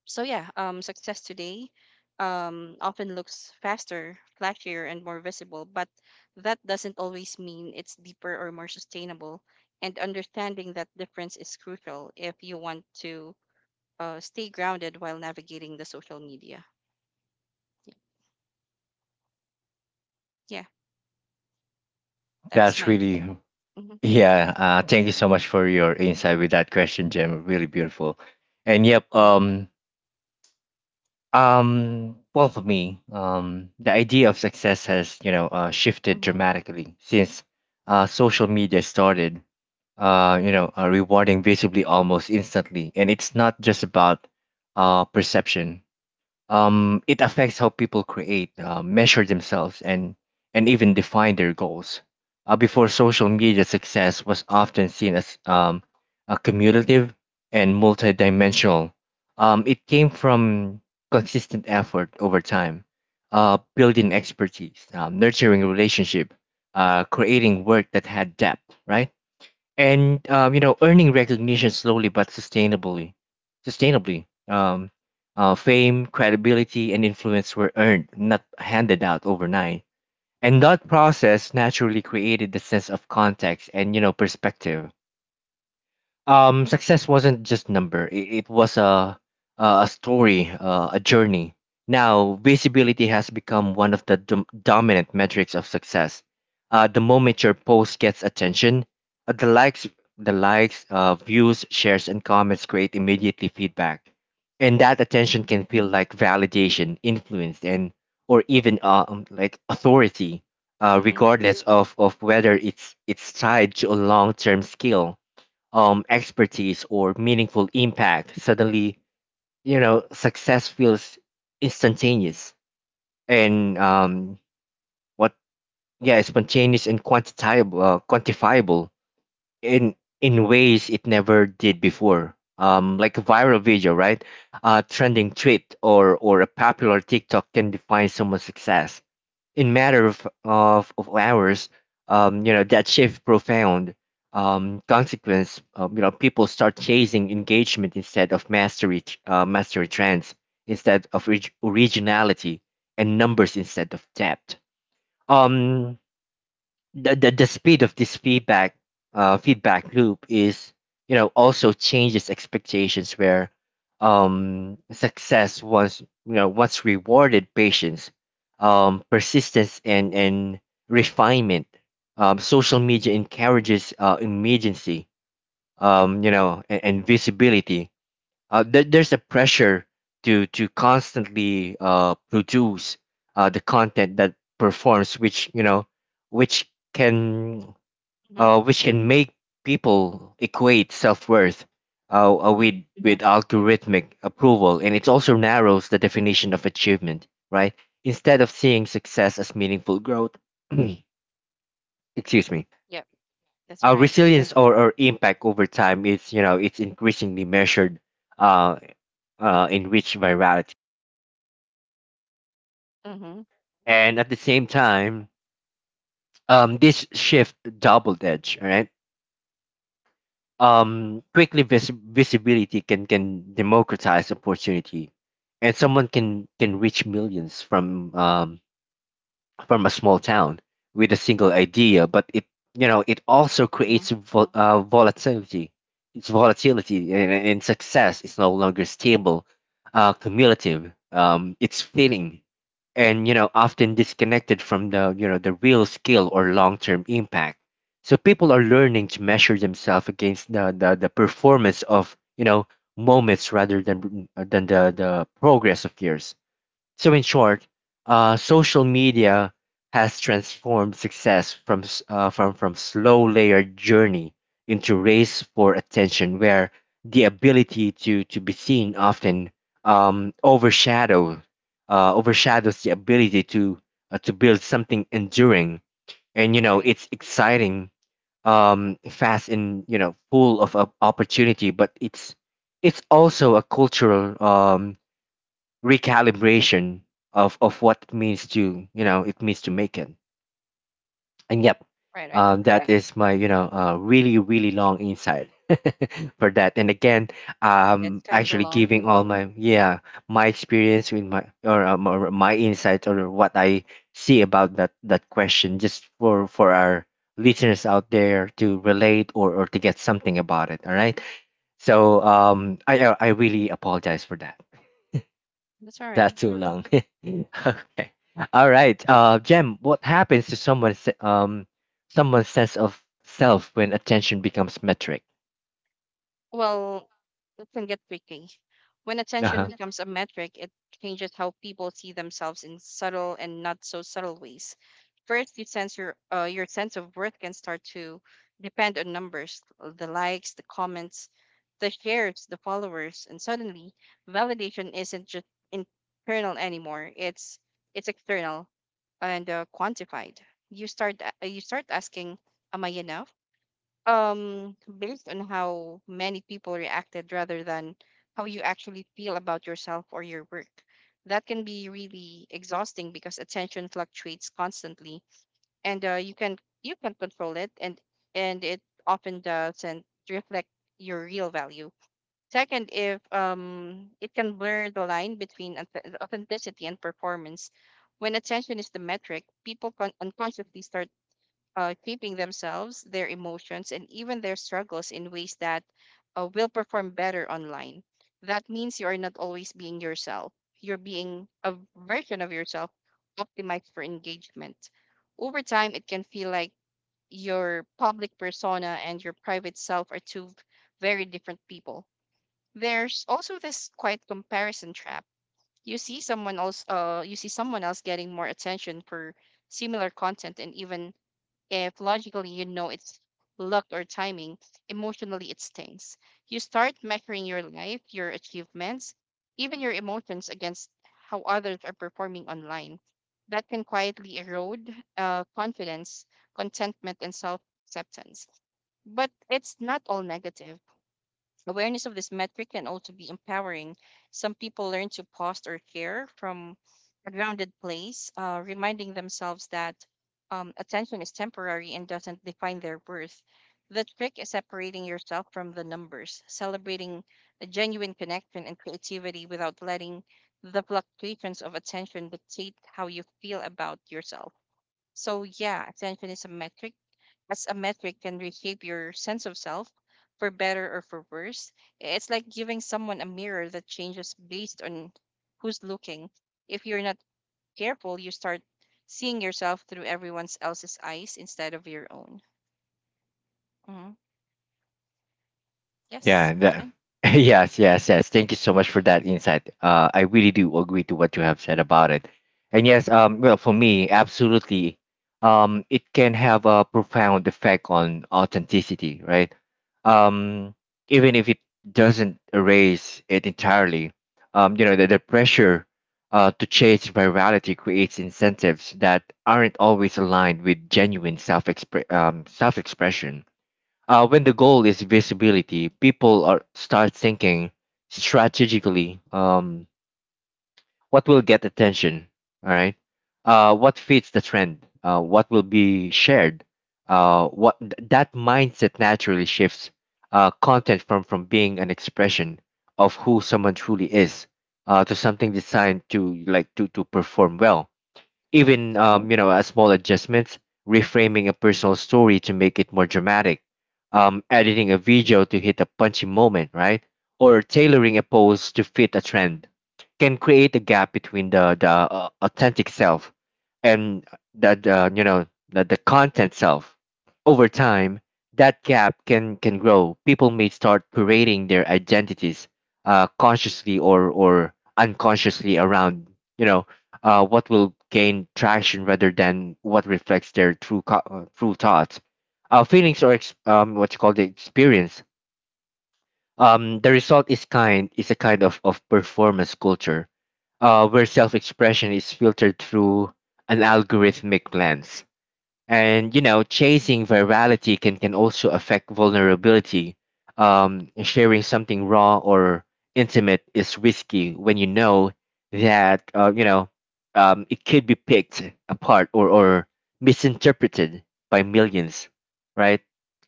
Speaker 2: So yeah, um, success today um, often looks faster, flashier, and more visible, but that doesn't always mean it's deeper or more sustainable. And understanding that difference is crucial if you want to uh, stay grounded while navigating the social media. Yeah, that's
Speaker 1: That's
Speaker 2: my take.
Speaker 1: really,
Speaker 2: Mm-hmm.
Speaker 1: yeah. Uh, thank you so much for your insight with that question, Jim. Really beautiful. And yep, um, um, well, for me, um, the idea of success has, you know, uh, shifted
Speaker 2: Mhm.
Speaker 1: dramatically since uh, social media started uh, you know, uh, rewarding visibly almost instantly. And it's not just about uh, perception. Um, it affects how people create, uh, measure themselves, and and even define their goals. Uh, before social media, success was often seen as um, a cumulative and multidimensional. Um, it came from consistent effort over time, uh, building expertise, um, nurturing relationship, uh, creating work that had depth, right? and um, you know, earning recognition slowly but sustainably, sustainably um, uh, fame, credibility, and influence were earned, not handed out overnight, and that process naturally created the sense of context and, you know, perspective. Um, success wasn't just number. It, it was a a a story, uh, a journey. Now, visibility has become one of the dom- dominant metrics of success. Uh, the moment your post gets attention, uh, the likes, the likes, uh, views, shares, and comments create immediately feedback, and that attention
Speaker 2: Mhm.
Speaker 1: can feel like validation, influence, and or even uh, um, like authority, uh,
Speaker 2: Mhm.
Speaker 1: regardless of, of whether it's it's tied to a long term skill, um, expertise, or meaningful impact. Suddenly, you know, success feels instantaneous and um, what, yeah, spontaneous and quantifiable, uh, quantifiable in in ways it never did before. Um, like a viral video, right? A trending tweet or or a popular TikTok can define someone's success in matter of, of, of hours. Um, you know, that shift profound um, consequence. Um, you know, people start chasing engagement instead of mastery, uh, mastery trends, instead of orig- originality, and numbers instead of depth. Um, the, the, the speed of this feedback uh, feedback loop is, you know, also changes expectations. Where um, success once, you know, once rewarded patience, um, persistence, and and refinement, um, social media encourages uh, immediacy, um, you know, and, and visibility. Uh, there, there's a pressure to to constantly uh, produce uh, the content that performs, which, you know, which can
Speaker 2: Mhm.
Speaker 1: uh, which can make people equate self-worth uh, uh,
Speaker 2: Mhm.
Speaker 1: with
Speaker 2: Yeah.
Speaker 1: with algorithmic approval. And it also narrows the definition of achievement, right? Instead of seeing success as meaningful growth— excuse me—
Speaker 2: Yep. That's all
Speaker 1: our
Speaker 2: right.
Speaker 1: resilience, or, or impact over time is, you know, it's increasingly measured uh, uh, in which virality.
Speaker 2: Mhm.
Speaker 1: And at the same time, um, this shift doubled edge, all right? Um, quickly vis- visibility can can democratize opportunity, and someone can can reach millions from um from a small town with a single idea. But it you know it also creates
Speaker 2: Mhm.
Speaker 1: vol- uh, volatility. It's volatility and, and success is no longer stable, uh, cumulative. Um, it's fleeting and you know often disconnected from the you know the real skill or long-term impact, so people are learning to measure themselves against the, the the performance of you know moments rather than uh, than the the progress of years. So, in short, uh, social media has transformed success from s- uh, from from slow layered journey into race for attention, where the ability to to be seen often um, overshadow uh, overshadows the ability to uh, to build something enduring. And you know,
Speaker 2: Right.
Speaker 1: it's exciting, um, fast, and you know, full of op- opportunity, but it's it's also a cultural um, recalibration of of what it means to you know it means to make it and yep,
Speaker 2: Right. Right.
Speaker 1: um, that Correct. Is my you know uh, really really long insight for that. And again,
Speaker 2: That's
Speaker 1: um
Speaker 2: kind of
Speaker 1: actually
Speaker 2: long.
Speaker 1: giving all my yeah, my experience with my or, um, or my insight or what I see about that that question, just for for our listeners out there to relate or or to get something about it. All right, so um i i I really apologize for that,
Speaker 2: That's all right.
Speaker 1: that's too long. Okay. All right. Uh, Jem, what happens to someone's um someone's sense of self when attention becomes metric?
Speaker 2: Well, it can get tricky. When attention
Speaker 1: Uh-huh.
Speaker 2: becomes a metric, it changes how people see themselves in subtle and not so subtle ways. First, you sense your, uh, your sense of worth can start to depend on numbers, uh, the likes, the comments, the shares, the followers, and suddenly validation isn't just internal anymore. It's it's external and uh, quantified. You start a- you start asking, "Am I enough?" um based on how many people reacted rather than how you actually feel about yourself or your work. That can be really exhausting because attention fluctuates constantly, and uh, you can you can control it, and and it often doesn't reflect your real value. Second, if um it can blur the line between auth- authenticity and performance. When attention is the metric, people con- unconsciously start uh, treating themselves, their emotions, and even their struggles in ways that uh, will perform better online. That means you are not always being yourself. You're being a version of yourself optimized for engagement. Over time, it can feel like your public persona and your private self are two very different people. There's also this quiet comparison trap. You see someone else, uh, you see someone else getting more attention for similar content, and even if logically you know it's luck or timing, emotionally it stings. You start measuring your life, your achievements, even your emotions against how others are performing online. That can quietly erode uh, confidence, contentment, and self acceptance. But it's not all negative. Awareness of this metric can also be empowering. Some people learn to pause or care from a grounded place, uh, reminding themselves that um, attention is temporary and doesn't define their worth. The trick is separating yourself from the numbers, celebrating a genuine connection and creativity without letting the fluctuations of attention dictate how you feel about yourself. So, yeah, attention is a metric as a metric can reshape your sense of self for better or for worse. It's like giving someone a mirror that changes based on who's looking. If you're not careful, you start seeing yourself through everyone else's eyes instead of your own. Hmm.
Speaker 1: Yeah,
Speaker 2: Yes,
Speaker 1: that,
Speaker 2: Arjun?
Speaker 1: yes, yes, yes. Thank you so much for that insight. Uh, I really do agree to what you have said about it. And yes, um, well, for me, absolutely, um, it can have a profound effect on authenticity, right? Um, even if it doesn't erase it entirely, um, you know, the, the pressure uh, to chase virality creates incentives that aren't always aligned with genuine self, um, self-expression. Uh, when the goal is visibility, people are start thinking strategically. Um, what will get attention? All right. Uh, what fits the trend? Uh, what will be shared? Uh, what th- that mindset naturally shifts uh, content from from being an expression of who someone truly is, uh, to
Speaker 2: Yeah,
Speaker 1: something designed to like to to perform well,
Speaker 2: right,
Speaker 1: even um, you know, a small adjustments, reframing a personal story to make it more dramatic, um, editing a video to hit a punchy moment, right? Or tailoring a post to fit a trend, can create a gap between the the uh, authentic self and the, the you know the, the content self. Over time, that gap can can grow. People may start curating their identities uh, consciously or or unconsciously around you know uh, what will gain traction rather than what reflects their true co- uh, true thoughts, uh, feelings, or ex- um, what you call the experience. Um, the result is kind is a kind of, of performance culture uh, where self expression is filtered through an algorithmic lens. And you know, chasing virality can can also affect vulnerability. Um sharing something raw or intimate is risky when you know that uh, you know um it could be picked apart or or misinterpreted by millions, right?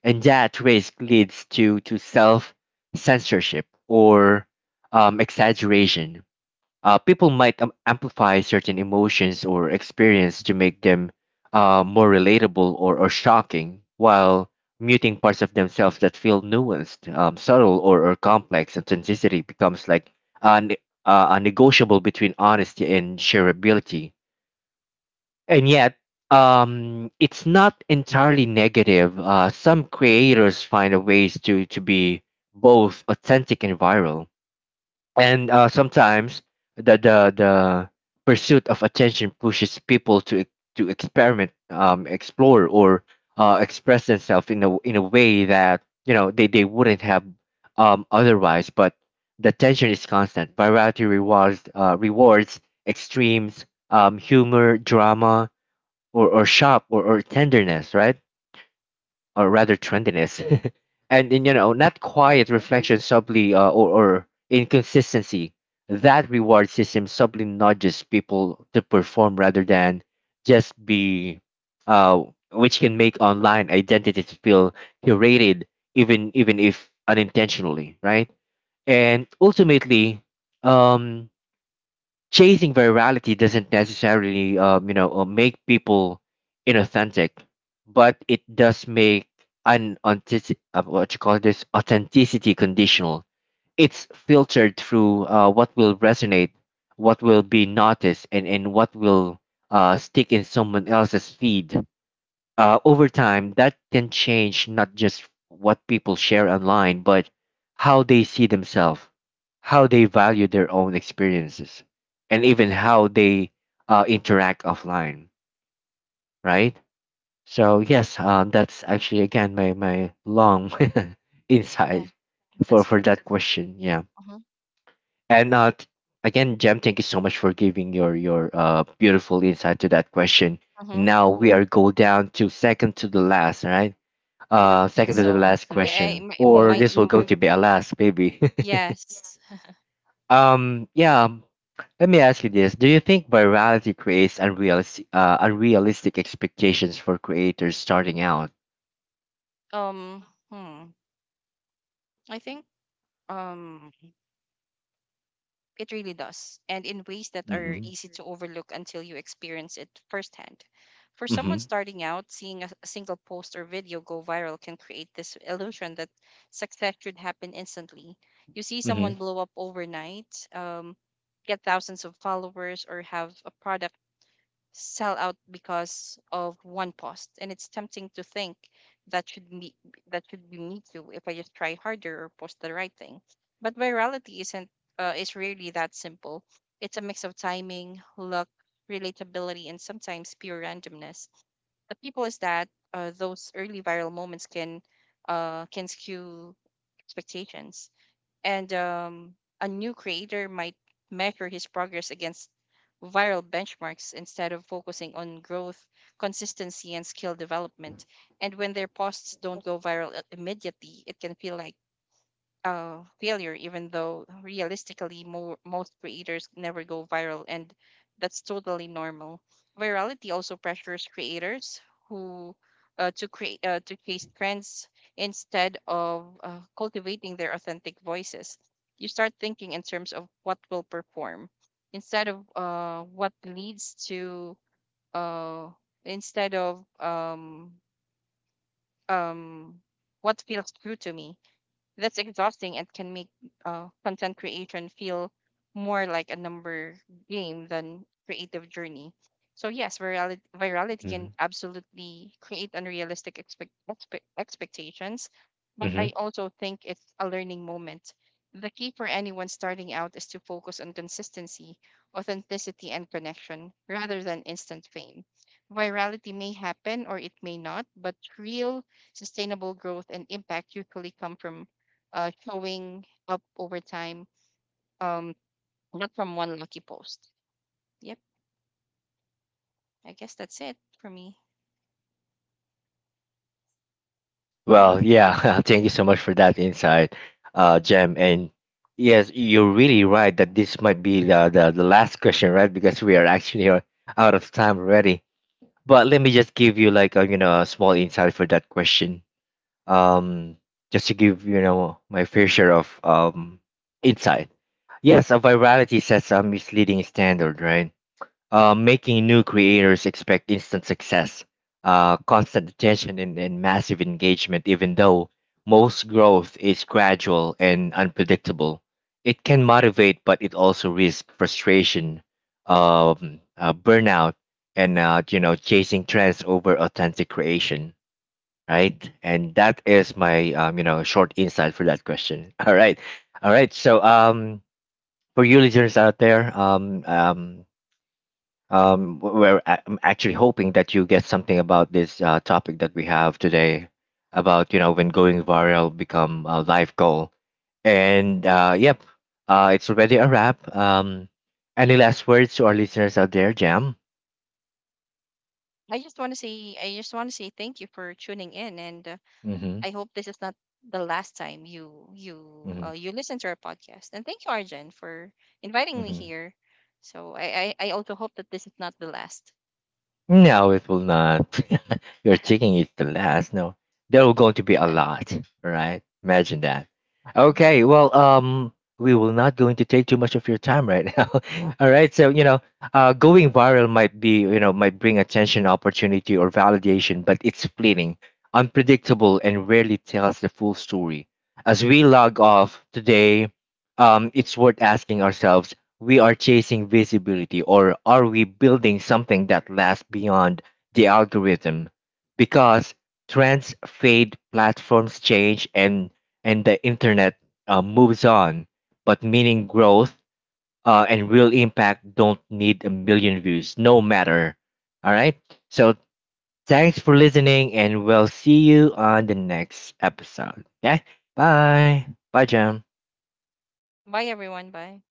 Speaker 1: And that risk leads to to self censorship or um exaggeration. Uh, people might am- amplify certain emotions or experience to make them uh, more relatable or, or shocking, while muting parts of themselves that feel nuanced, um, subtle, or, or complex. Authenticity becomes like a, ne- uh, a negotiable between honesty and shareability. And yet, um, it's not entirely negative. Uh, some creators find a ways to, to be both authentic and viral, and uh, sometimes the, the the pursuit of attention pushes people to e- to experiment, um explore, or uh, express themselves in a in a way that you know they, they wouldn't have um otherwise. But the tension is constant, variety rewards uh, rewards extremes, um humor, drama, or, or shop or, or tenderness, right? Or rather trendiness, and in you know not
Speaker 2: right,
Speaker 1: quiet
Speaker 2: right.
Speaker 1: reflection subtly uh, or, or inconsistency. That reward system subtly nudges people to perform rather than just be, uh, which can make online identities feel curated, even even if unintentionally, right? And ultimately, um, chasing virality doesn't necessarily um, you know uh, make people inauthentic, but it does make an authentic- uh, what you call this authenticity conditional. It's filtered through uh, what will resonate, what will be noticed, and, and what will uh, stick in someone else's feed. Uh, over time, that can change not just what people share online, but how they see themselves, how they value their own experiences, and even how they uh, interact offline, right? So, yes, um, that's actually, again, my, my long
Speaker 2: Yeah,
Speaker 1: insight for,
Speaker 2: that's
Speaker 1: for
Speaker 2: true.
Speaker 1: that question. Yeah.
Speaker 2: Uh-huh.
Speaker 1: And uh, t- again, Jem, thank you so much for giving your, your uh, beautiful insight to that question. And
Speaker 2: Uh-huh.
Speaker 1: now we are go down to second to the last, all right?
Speaker 2: I
Speaker 1: Uh,
Speaker 2: don't think
Speaker 1: second to the
Speaker 2: so.
Speaker 1: last
Speaker 2: I, I
Speaker 1: question,
Speaker 2: might,
Speaker 1: or
Speaker 2: might,
Speaker 1: this will go to be a last, maybe.
Speaker 2: yes.
Speaker 1: Um, yeah. Let me ask you this: Do you think virality creates unrealistic, uh, unrealistic expectations for creators starting out?
Speaker 2: Um, hmm. I think, um, it really does, and in ways that are
Speaker 1: Hmm.
Speaker 2: easy to overlook until you experience it firsthand. For someone
Speaker 1: Hmm.
Speaker 2: starting out, seeing a, a single post or video go viral can create this illusion that success should happen instantly. You see someone
Speaker 1: Hmm.
Speaker 2: blow up overnight, um, get thousands of followers, or have a product sell out because of one post, and it's tempting to think that should me that should be me too if I just try harder or post the right thing. But virality isn't uh, is really that simple. It's a mix of timing, luck, relatability, and sometimes pure randomness. The people is that uh, those early viral moments can uh, can skew expectations. And um, a new creator might measure his progress against viral benchmarks instead of focusing on growth, consistency, and skill development. And when their posts don't go viral i- immediately, it can feel like uh, failure, even though realistically, mo- most creators never go viral, and that's totally normal. Virality also pressures creators who uh, to create uh, to chase trends instead of uh, cultivating their authentic voices. You start thinking in terms of what will perform instead of uh, what leads to uh, instead of um, um, what feels true to me. That's exhausting and can make uh, content creation feel more like a number game than creative journey. So yes, virality, virality can
Speaker 1: Hmm.
Speaker 2: absolutely create unrealistic expect, expe- expectations, but
Speaker 1: Hmm.
Speaker 2: I also think it's a learning moment. The key for anyone starting out is to focus on consistency, authenticity, and connection rather than instant fame. Virality may happen or it may not, but real sustainable growth and impact usually come from uh, showing up over time, um, not from one lucky post. Yep, I guess that's it for me. Yeah.
Speaker 1: Well, yeah. Thank you so much for that insight, uh, Jem. And yes, you're
Speaker 2: Mhm.
Speaker 1: really right that this might be the, the, the last question, right? Because we are actually uh, out of time already. But let me just give you like a you know a small insight for that question. Um, just to give you know my fair share of um insight. Yes, a virality sets a misleading standard, right? Uh, making new creators expect instant success, uh, constant attention, and, and massive engagement, even though most growth is gradual and unpredictable. It can motivate, but it also risks frustration, um, uh, burnout, and uh, you know chasing trends over authentic creation. Right, and that is my um, you know short insight for that question. All right, all right. So um, for you listeners out there, um, um, um, w- we're a- I'm actually hoping that you get something about this uh, topic that we have today about you know when going viral become a life goal. And uh, yep, uh, it's already a wrap. Um, any last words to our listeners out there, Jam?
Speaker 2: I just want to say, I just want to say thank you for tuning in, and uh,
Speaker 1: Mm-hmm,
Speaker 2: I hope this is not the last time you you
Speaker 1: mm-hmm,
Speaker 2: uh, you listen to our podcast. And thank you, Arjen, for inviting me
Speaker 1: mm-hmm.
Speaker 2: here. So I I, I also hope that this is not the last.
Speaker 1: No, it will not. Your chicken is the last. No, there will going to be a lot. All right, imagine that.
Speaker 2: Mhm.
Speaker 1: Okay, well, um, we will not going to take too much of your time right now. All right, so you know, uh, going viral might be you know might bring attention, opportunity, or validation, but it's fleeting, unpredictable, and rarely tells the full story. As we log off today, um, it's worth asking ourselves, we are chasing visibility, or are we building something that lasts beyond the algorithm? Because trends fade, platforms change, and and the internet uh, moves on. But meaning, growth, uh, and real impact don't need a million views, no matter. All right. So thanks for listening, and we'll see you on the next episode. Okay. Bye. Bye, Jam.
Speaker 2: Bye, everyone. Bye.